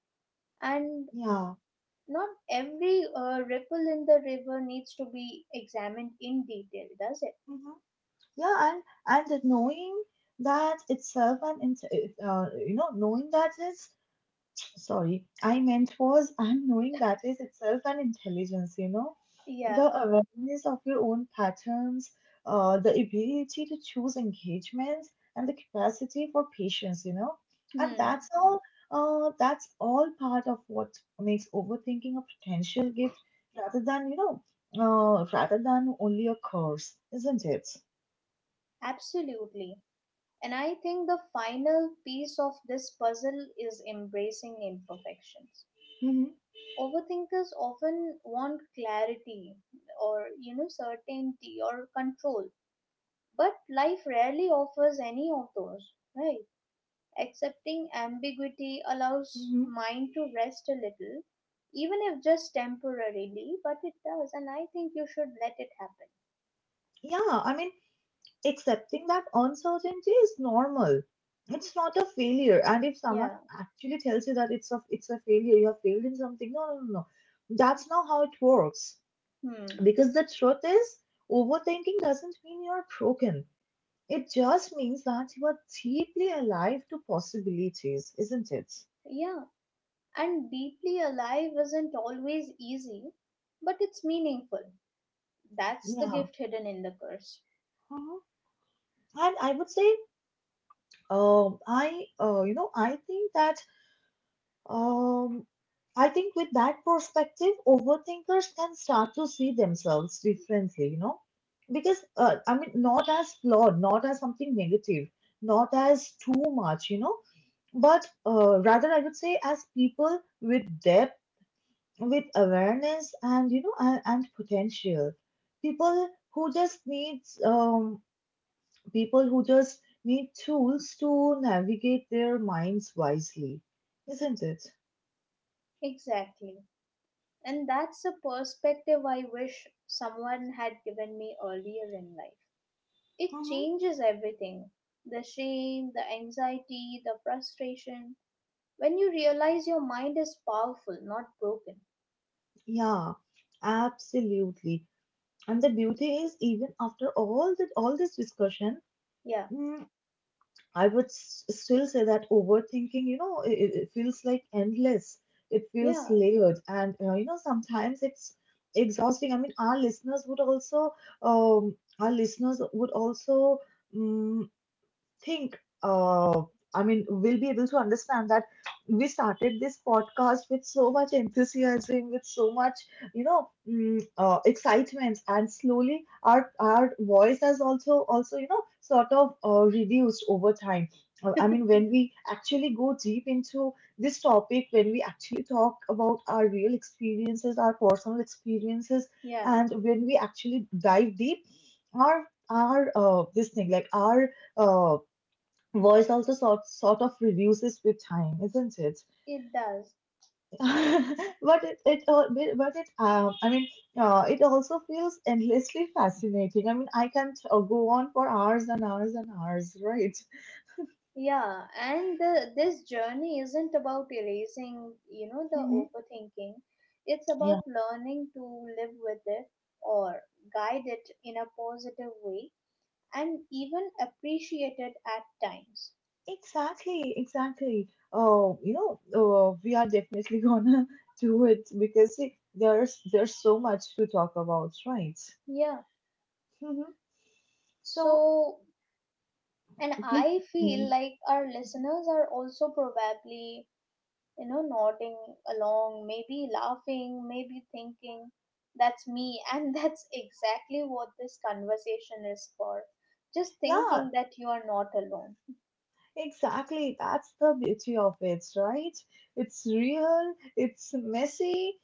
[SPEAKER 2] And
[SPEAKER 1] Yeah.
[SPEAKER 2] not every ripple in the river needs to be examined in detail, does it?
[SPEAKER 1] Mm-hmm. Yeah, and knowing that itself and int- you know knowing that is sorry, I meant was I'm knowing that is itself an intelligence, you know,
[SPEAKER 2] Yeah.
[SPEAKER 1] the awareness of your own patterns, the ability to choose engagements, and the capacity for patience, you know, and
[SPEAKER 2] Hmm.
[SPEAKER 1] that's all. That's all part of what makes overthinking a potential gift rather than, rather than only a curse, isn't it?
[SPEAKER 2] Absolutely. And I think the final piece of this puzzle is embracing imperfections.
[SPEAKER 1] Hmm.
[SPEAKER 2] Overthinkers often want clarity, or you know, certainty or control, but life rarely offers any of those, right? Accepting ambiguity allows
[SPEAKER 1] Hmm.
[SPEAKER 2] mind to rest a little, even if just temporarily, but it does, and I think you should let it happen.
[SPEAKER 1] Yeah, I mean, accepting that uncertainty is normal. It's not a failure. And if someone
[SPEAKER 2] Yeah.
[SPEAKER 1] actually tells you that it's a failure, you have failed in something, no, no, no, no. That's not how it works.
[SPEAKER 2] Hmm.
[SPEAKER 1] Because the truth is, overthinking doesn't mean you're broken. It just means that you are deeply alive to possibilities, isn't it?
[SPEAKER 2] Yeah, and deeply alive isn't always easy, but it's meaningful. That's the
[SPEAKER 1] Yeah.
[SPEAKER 2] gift hidden in the curse.
[SPEAKER 1] Mhm. And I would say, I, you know, I think that Um, I think with that perspective, overthinkers can start to see themselves differently, you know, because I mean, not as flawed, not as something negative, not as too much, you know, but rather I would say as people with depth, with awareness, and you know, and potential. People who just need um, People who just need tools to navigate their minds wisely, isn't it?
[SPEAKER 2] Exactly. And that's a perspective I wish someone had given me earlier in life. It changes everything: the shame, the anxiety, the frustration. When you realize your mind is powerful, not broken.
[SPEAKER 1] Yeah, absolutely. And the beauty is, even after all that, all this discussion,
[SPEAKER 2] Yeah,
[SPEAKER 1] mm, I would still say that overthinking, you know, it feels like endless. It feels
[SPEAKER 2] yeah,
[SPEAKER 1] layered, and sometimes it's exhausting. I mean, our listeners would also, our listeners would also. mm, think, I mean, we'll be able to understand that we started this podcast with so much enthusiasm, with so much, excitement, and slowly our voice has also, you know, sort of reduced over time. I mean, when we actually go deep into this topic, when we actually talk about our real experiences, our personal experiences,
[SPEAKER 2] yeah,
[SPEAKER 1] and when we actually dive deep, our this thing like our uh, voice also sort of reduces with time, isn't it?
[SPEAKER 2] it does.
[SPEAKER 1] But it but it I mean, it also feels endlessly fascinating. I mean, I can go on for hours and hours and hours, right?
[SPEAKER 2] Yeah, and the, this journey isn't about erasing, you know, the
[SPEAKER 1] Hmm.
[SPEAKER 2] overthinking. It's
[SPEAKER 1] Yeah,
[SPEAKER 2] about learning to live with it, or guide it in a positive way, and even appreciated at times.
[SPEAKER 1] exactly, exactly. Oh, you know, oh, we are definitely gonna do it, because see, there's so much to talk about, right?
[SPEAKER 2] Yeah.
[SPEAKER 1] Hmm. So
[SPEAKER 2] So, and
[SPEAKER 1] please,
[SPEAKER 2] I feel
[SPEAKER 1] continue.
[SPEAKER 2] like our listeners are also probably, you know, nodding along, maybe laughing, maybe thinking, that's me. And that's exactly what this conversation is for. Just
[SPEAKER 1] Yeah.
[SPEAKER 2] thinking that you are not alone.
[SPEAKER 1] Exactly. That's the beauty of it, right? It's real, it's messy,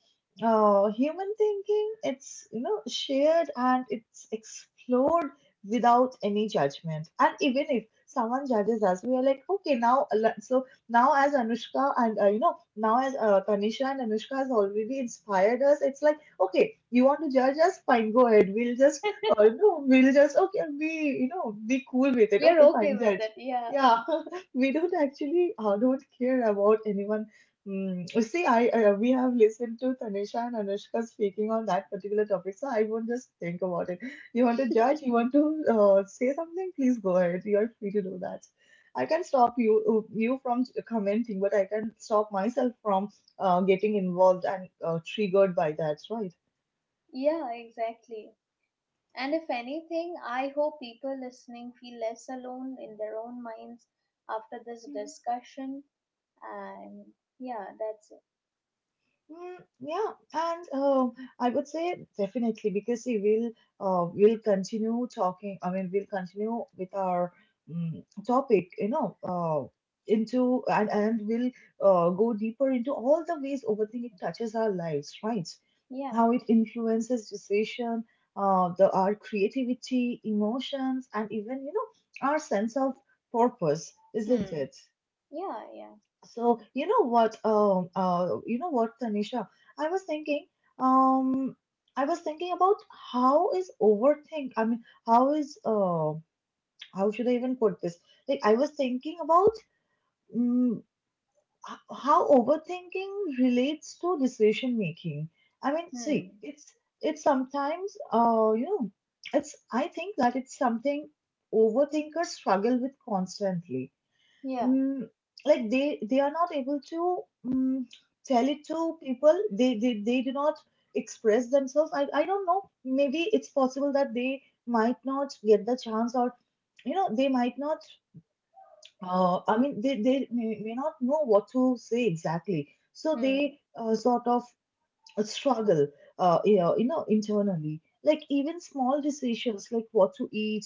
[SPEAKER 1] human thinking, it's, you know, shared and it's explored without any judgment. And even if someone judges us, we are like, okay, now, so now as Anushka and, now as Tanisha and Anushka has already inspired us, it's like, okay, you want to judge us? Fine, go ahead. We'll just, we'll just, okay, be, you know, be cool with it.
[SPEAKER 2] We are
[SPEAKER 1] Okay,
[SPEAKER 2] okay
[SPEAKER 1] fine,
[SPEAKER 2] with
[SPEAKER 1] judge.
[SPEAKER 2] it, yeah.
[SPEAKER 1] Yeah. We don't actually don't care about anyone. Mm, see, I we have listened to Tanisha and Anushka speaking on that particular topic, so I won't just think about it. You want to judge? You want to say something? Please go ahead. You are free to do that. I can stop you from commenting, but I can stop myself from getting involved and triggered by that, right?
[SPEAKER 2] Yeah, exactly. And if anything, I hope people listening feel less alone in their own minds after this discussion. And yeah, that's it.
[SPEAKER 1] Mm, yeah, and I would say definitely, because see, we'll continue talking. I mean, we'll continue with our topic, you know, into and we'll go deeper into all the ways overthinking touches our lives, right?
[SPEAKER 2] Yeah.
[SPEAKER 1] How it influences decision, the our creativity, emotions, and even, you know, our sense of purpose, isn't
[SPEAKER 2] Hmm.
[SPEAKER 1] it?
[SPEAKER 2] Yeah, yeah.
[SPEAKER 1] So you know what, Tanisha, I was thinking, um, I was thinking about how is overthink. I mean, how is how should I even put this? Like, I was thinking about um, how overthinking relates to decision making. I mean,
[SPEAKER 2] Hmm.
[SPEAKER 1] see, it's sometimes, it's, I think that it's something overthinkers struggle with constantly.
[SPEAKER 2] Yeah.
[SPEAKER 1] mm, like, they are not able to, mm, tell it to people. They do not express themselves. I don't know, maybe it's possible that they might not get the chance, or you know, they might not, may not know what to say exactly, so
[SPEAKER 2] Hmm.
[SPEAKER 1] they sort of struggle you know, internally, like even small decisions like what to eat,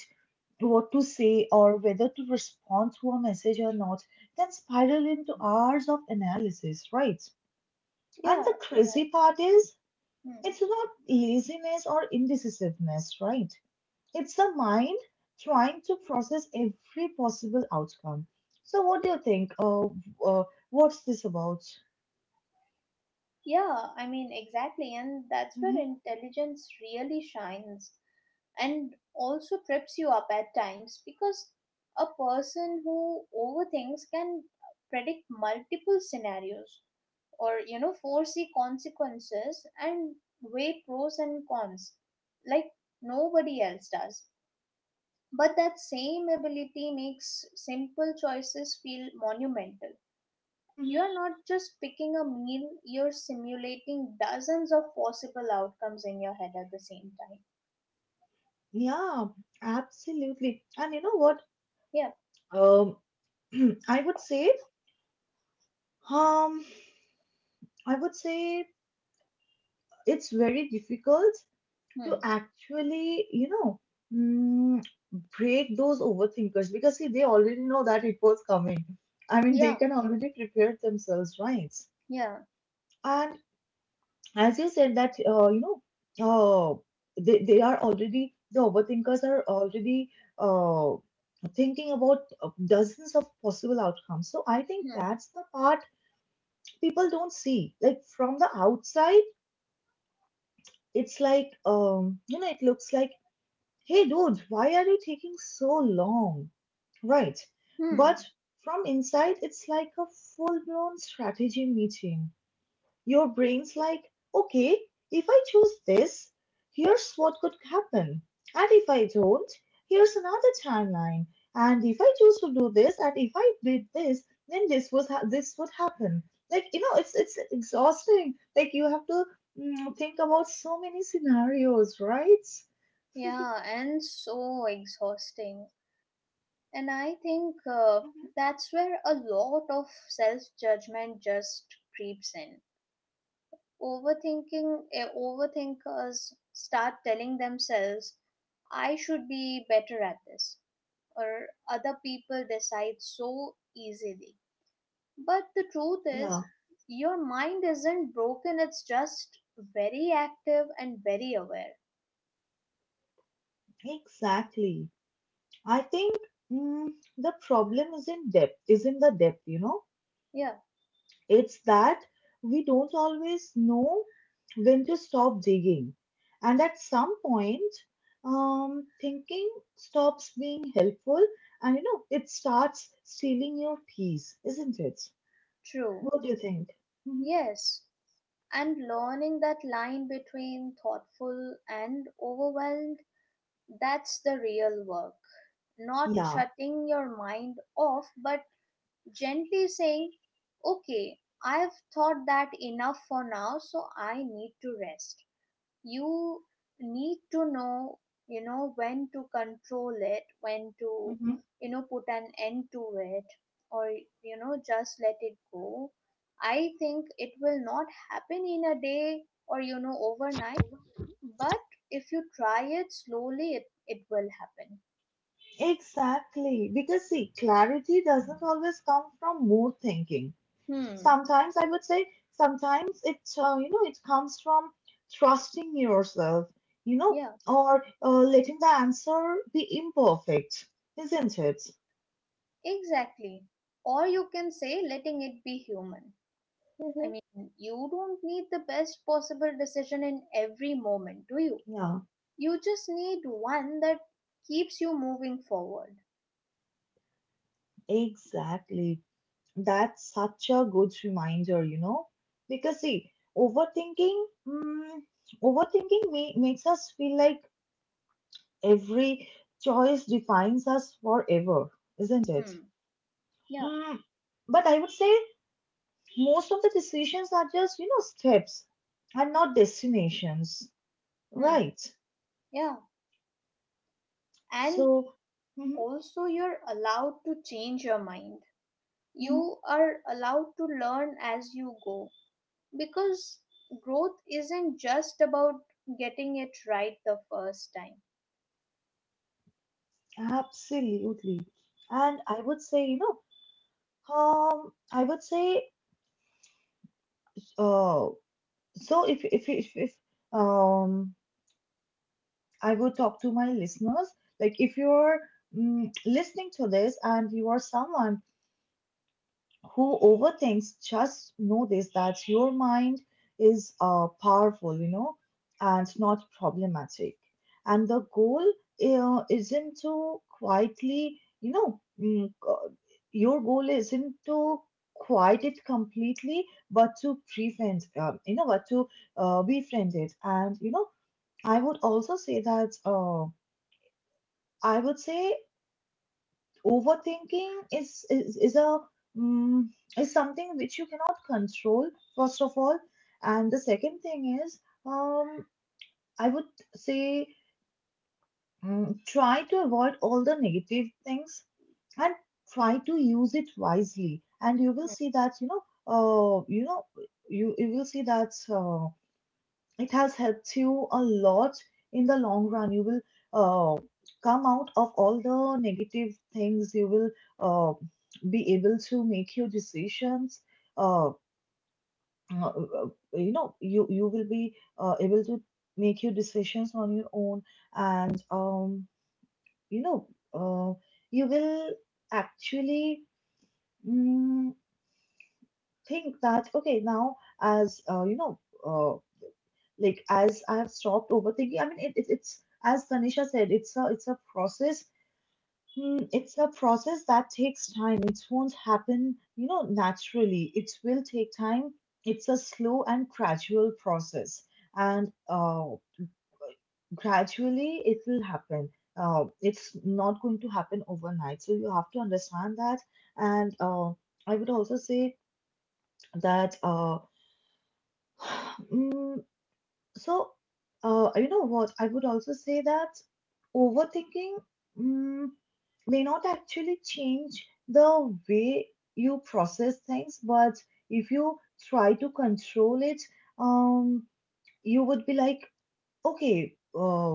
[SPEAKER 1] what to say, or whether to respond to a message or not, can spiral into hours of analysis, right? And the
[SPEAKER 2] Yeah, right.
[SPEAKER 1] crazy part is,
[SPEAKER 2] Hmm.
[SPEAKER 1] it's not laziness or indecisiveness, right? It's the mind trying to process every possible outcome. So, what do you think? Uh, what's this about?
[SPEAKER 2] Yeah, I mean, exactly. And that's where
[SPEAKER 1] Hmm.
[SPEAKER 2] intelligence really shines and also trips you up at times, because a person who overthinks can predict multiple scenarios, or you know, foresee consequences and weigh pros and cons like nobody else does. But that same ability makes simple choices feel monumental. You are
[SPEAKER 1] Hmm.
[SPEAKER 2] not just picking a meal, you're simulating dozens of possible outcomes in your head at the same time.
[SPEAKER 1] Yeah, absolutely. And you know what?
[SPEAKER 2] Yeah.
[SPEAKER 1] Um, I would say, um, I would say it's very difficult to
[SPEAKER 2] Hmm.
[SPEAKER 1] actually, you know, mm, break those overthinkers, because see, they already know that it was coming. I mean, they
[SPEAKER 2] Yeah.
[SPEAKER 1] can already prepare themselves, right?
[SPEAKER 2] Yeah.
[SPEAKER 1] And as you said that, uh, they are already, the overthinkers are already uh, thinking about dozens of possible outcomes. So I think
[SPEAKER 2] Hmm.
[SPEAKER 1] that's the part people don't see. Like, from the outside, it's like, you know, it looks like, hey dude, why are you taking so long? Right.
[SPEAKER 2] Hmm.
[SPEAKER 1] But from inside, it's like a full blown strategy meeting. Your brain's like, okay, if I choose this, here's what could happen. And if I don't, here's another timeline. And if I choose to do this, and if I did this, then this would happen. Like, you know, it's exhausting. Like, you have to, think about so many scenarios, right?
[SPEAKER 2] Yeah, and so exhausting. And I think
[SPEAKER 1] Mhm.
[SPEAKER 2] that's where a lot of self judgment just creeps in. Overthinking, overthinkers start telling themselves, I should be better at this, or other people decide so easily. But the truth
[SPEAKER 1] Yeah,
[SPEAKER 2] is, your mind isn't broken, it's just very active and very aware.
[SPEAKER 1] exactly. I think, mm, the problem isn't depth, isn't the depth, you know?
[SPEAKER 2] Yeah,
[SPEAKER 1] It's that we don't always know when to stop digging. And at some point, thinking stops being helpful and, you know, it starts stealing your peace, isn't it?
[SPEAKER 2] true.
[SPEAKER 1] What do you think? Hmm.
[SPEAKER 2] Yes. And learning that line between thoughtful and overwhelmed, that's the real work. Not
[SPEAKER 1] Yeah.
[SPEAKER 2] shutting your mind off, but gently saying, okay, I've thought that enough for now, so I need to rest. You need to know, you know, when to control it, when to,
[SPEAKER 1] Hmm.
[SPEAKER 2] you know, put an end to it, or you know, just let it go. I think it will not happen in a day, or you know, overnight, but if you try it slowly, it will happen.
[SPEAKER 1] Exactly. Because see, clarity doesn't always come from more thinking.
[SPEAKER 2] Hmm.
[SPEAKER 1] Sometimes I would say, sometimes it comes from trusting yourself, you know,
[SPEAKER 2] Yeah,
[SPEAKER 1] or letting the answer be imperfect, isn't it?
[SPEAKER 2] exactly. Or you can say letting it be human. I
[SPEAKER 1] Hmm.
[SPEAKER 2] mean, you don't need the best possible decision in every moment, do you?
[SPEAKER 1] Yeah,
[SPEAKER 2] You just need one that keeps you moving forward.
[SPEAKER 1] exactly. That's such a good reminder, you know, because see, overthinking, mm, overthinking makes us feel like every choice defines us forever, isn't it?
[SPEAKER 2] Hmm. Yeah.
[SPEAKER 1] Mm, but I would say most of the decisions are just you know steps and not destinations,
[SPEAKER 2] Hmm.
[SPEAKER 1] right?
[SPEAKER 2] Yeah. And
[SPEAKER 1] So mhm,
[SPEAKER 2] also, you're allowed to change your mind.
[SPEAKER 1] mhm,
[SPEAKER 2] You are allowed to learn as you go, because growth isn't just about getting it right the first time.
[SPEAKER 1] absolutely. And I would say you know I would say uh so if um I would talk to my listeners, like if you're listening to this and you are someone who overthinks, just know this, that your mind is powerful, you know, and not problematic. And the goal isn't to quietly your goal isn't to quiet it completely, but to prevent you know but to befriend it. And you know, I would also say that I would say overthinking is a mm is something which you cannot control, first of all. And the second thing is, um I would say, try to avoid all the negative things and try to use it wisely, and you will
[SPEAKER 2] Hmm.
[SPEAKER 1] see that uh you know you, you will see that uh, it has helped you a lot in the long run. You will uh, come out of all the negative things. You will uh, be able to make your decisions. Uh, uh, uh, you know, you will be able to make your decisions on your own, and you know, uh, you will actually mm, think that okay, now as you know. Uh, like as I have stopped overthinking, I mean, it's as Tanisha said, it's a process. It's a process that takes time. It won't happen, you know, naturally. It will take time. It's a slow and gradual process, and gradually it will happen. It's not going to happen overnight. So you have to understand that. And I would also say that mm, so, you know what? I would also say that overthinking mm, may not actually change the way you process things, but if you try to control it, um, you would be like okay,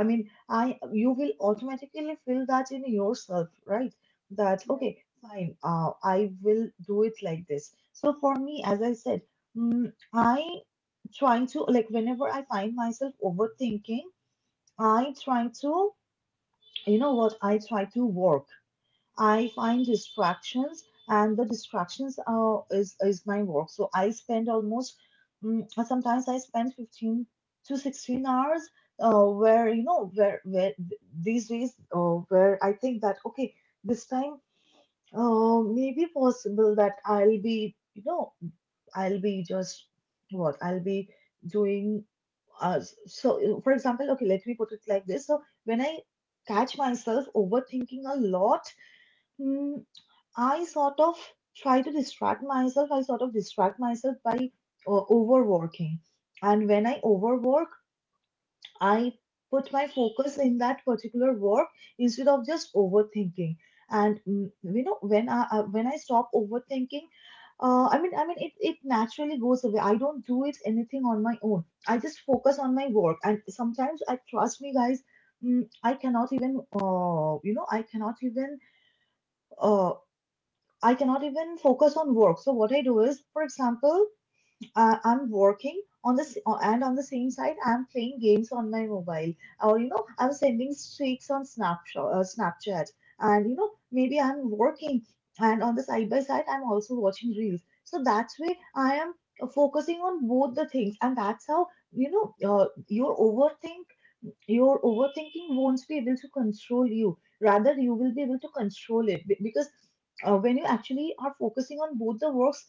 [SPEAKER 1] I mean, I you will automatically feel that in yourself, right? That
[SPEAKER 2] Yeah.
[SPEAKER 1] okay, fine, I will do it like this. So for me, as I said, mm, I trying to, like whenever I find myself overthinking, I try to, you know what I try to work I find distractions, and the distractions are is my work. So I spend almost, sometimes I spend 15 to 16 hours, where you know where these days where I think that okay, this time maybe possible that I'll be you know, I'll be just what I'll be doing. uh, for example, okay, let me put it like this. So when I catch myself overthinking a lot, mm, I sort of try to distract myself. I sort of distract myself by overworking. And when I overwork, I put my focus in that particular work instead of just overthinking. And you know, when I stop overthinking, it naturally goes away. I don't do it anything on my own. I just focus on my work. And sometimes, I trust me, guys. mm, I cannot even, you know, Uh. I cannot even focus on work. So what I do is, for example, I'm working on this and on the same side, I'm playing games on my mobile, or you know, I'm sending streaks on Snapchat, Snapchat, and you know, maybe I'm working, and on the side by side, I'm also watching reels. So that's way I am focusing on both the things, and that's how, you know, your overthinking won't be able to control you. Rather, you will be able to control it. Because when you actually are focusing on both the works,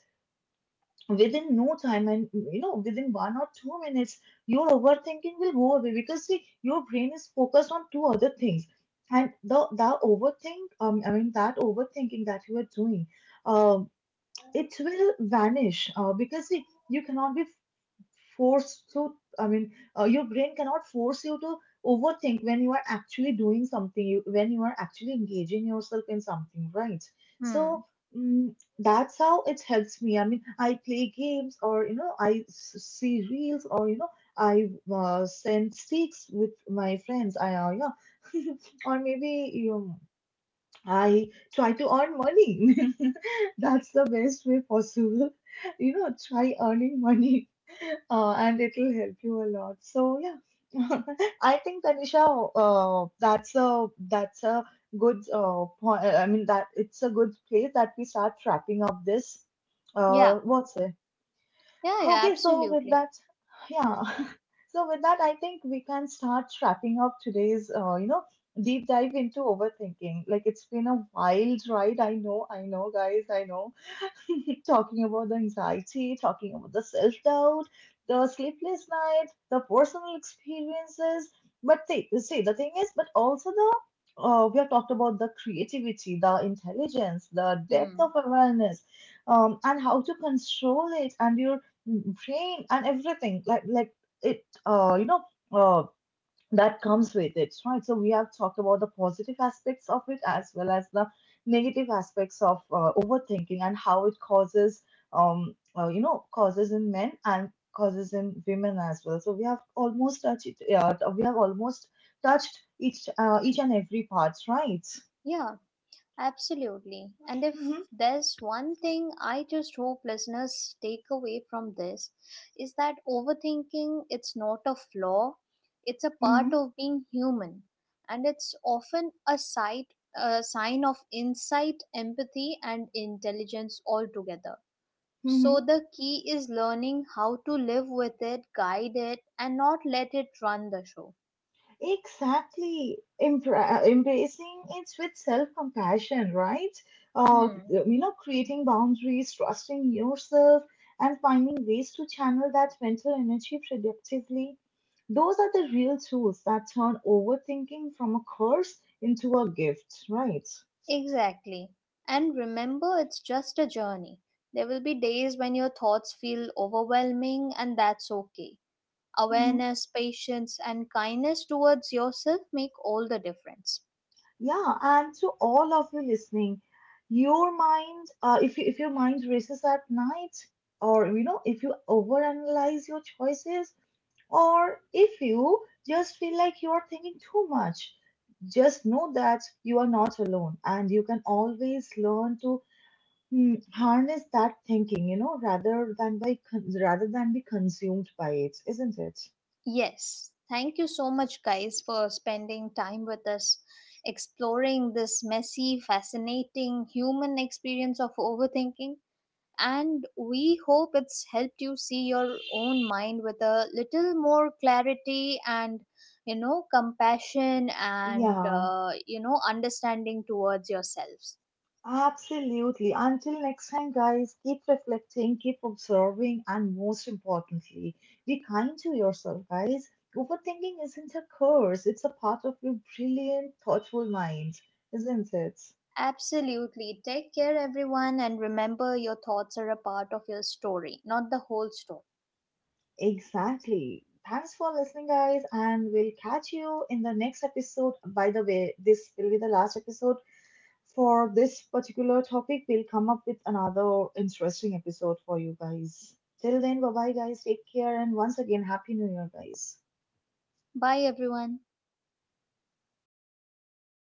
[SPEAKER 1] within no time and you know within 1 or 2 minutes, your overthinking will go away because see, your brain is focused on two other things. And the overthinking that you are doing, um, it will vanish because see, you cannot be Force to I mean your brain cannot force you to overthink when you are actually doing something, when you are actually engaging yourself in something, right? So
[SPEAKER 2] Hmm.
[SPEAKER 1] mm that's how it helps me. I mean, I play games, or you know, see reels, or you know, I send sticks with my friends. I Yeah. Or maybe you I try to earn money. That's the best way possible. You know, try earning money, and it'll help you a lot. So yeah, I think Tanisha, that's a good point. I mean that it's a good place that we start wrapping up this.
[SPEAKER 2] Yeah,
[SPEAKER 1] What's it?
[SPEAKER 2] yeah, yeah,
[SPEAKER 1] Okay, so with
[SPEAKER 2] absolutely.
[SPEAKER 1] that,
[SPEAKER 2] Hmm.
[SPEAKER 1] yeah. So with that, I think we can start wrapping up today's, you know, deep dive into overthinking. Like it's been a wild ride. I know, guys, I know. Talking about the anxiety, talking about the self doubt, the sleepless night, the personal experiences. But see, the thing is, but also the we have talked about the creativity, the intelligence, the depth
[SPEAKER 2] Hmm.
[SPEAKER 1] of awareness, and how to control it and your brain and everything. It, uh, you know, uh, that comes with it, right? So we have talked about the positive aspects of it as well as the negative aspects of overthinking and how it causes, you know, causes in men and causes in women as well. So we have almost touched, we have almost touched each and every part, right?
[SPEAKER 2] Yeah, absolutely. And if
[SPEAKER 1] Hmm.
[SPEAKER 2] there's one thing I just hope listeners take away from this, is that overthinking, it's not a flaw, it's a
[SPEAKER 1] Hmm.
[SPEAKER 2] part of being human, and it's often a sight, a sign of insight, empathy and intelligence altogether. So
[SPEAKER 1] Hmm.
[SPEAKER 2] the key is learning how to live with it, guide it, and not let it run the show.
[SPEAKER 1] Exactly. Embracing it with self compassion, right?
[SPEAKER 2] Hmm.
[SPEAKER 1] You know, creating boundaries, trusting yourself, and finding ways to channel that mental energy productively. Those are the real tools that turn overthinking from a curse into a gift, right?
[SPEAKER 2] Exactly. And remember, it's just a journey. There will be days when your thoughts feel overwhelming, and that's okay.
[SPEAKER 1] Hmm.
[SPEAKER 2] Awareness, patience, and kindness towards yourself make all the difference.
[SPEAKER 1] Yeah, and to all of you listening, your mind, if, you, if your mind races at night, or you know, if you overanalyze your choices, or if you just feel like you are thinking too much, just know that you are not alone and you can always learn to harness that thinking, you know, rather than rather than be consumed by it, isn't it?
[SPEAKER 2] Yes, thank you so much, guys, for spending time with us, exploring this messy, fascinating human experience of overthinking. And we hope it's helped you see your own mind with a little more clarity and, you know, compassion, and
[SPEAKER 1] Yeah,
[SPEAKER 2] you know, understanding towards yourselves.
[SPEAKER 1] absolutely. Until next time, guys, keep reflecting, keep observing, and most importantly, be kind to yourself, guys. Overthinking isn't a curse, it's a part of your brilliant, thoughtful mind, isn't it?
[SPEAKER 2] Absolutely, take care everyone, and remember, your thoughts are a part of your story, not the whole story.
[SPEAKER 1] Exactly. Thanks for listening, guys, and we'll catch you in the next episode. By the way, this will be the last episode for this particular topic. We'll come up with another interesting episode for you guys. Till then, bye bye, guys. Take care, and once again, Happy New Year, guys.
[SPEAKER 2] Bye everyone.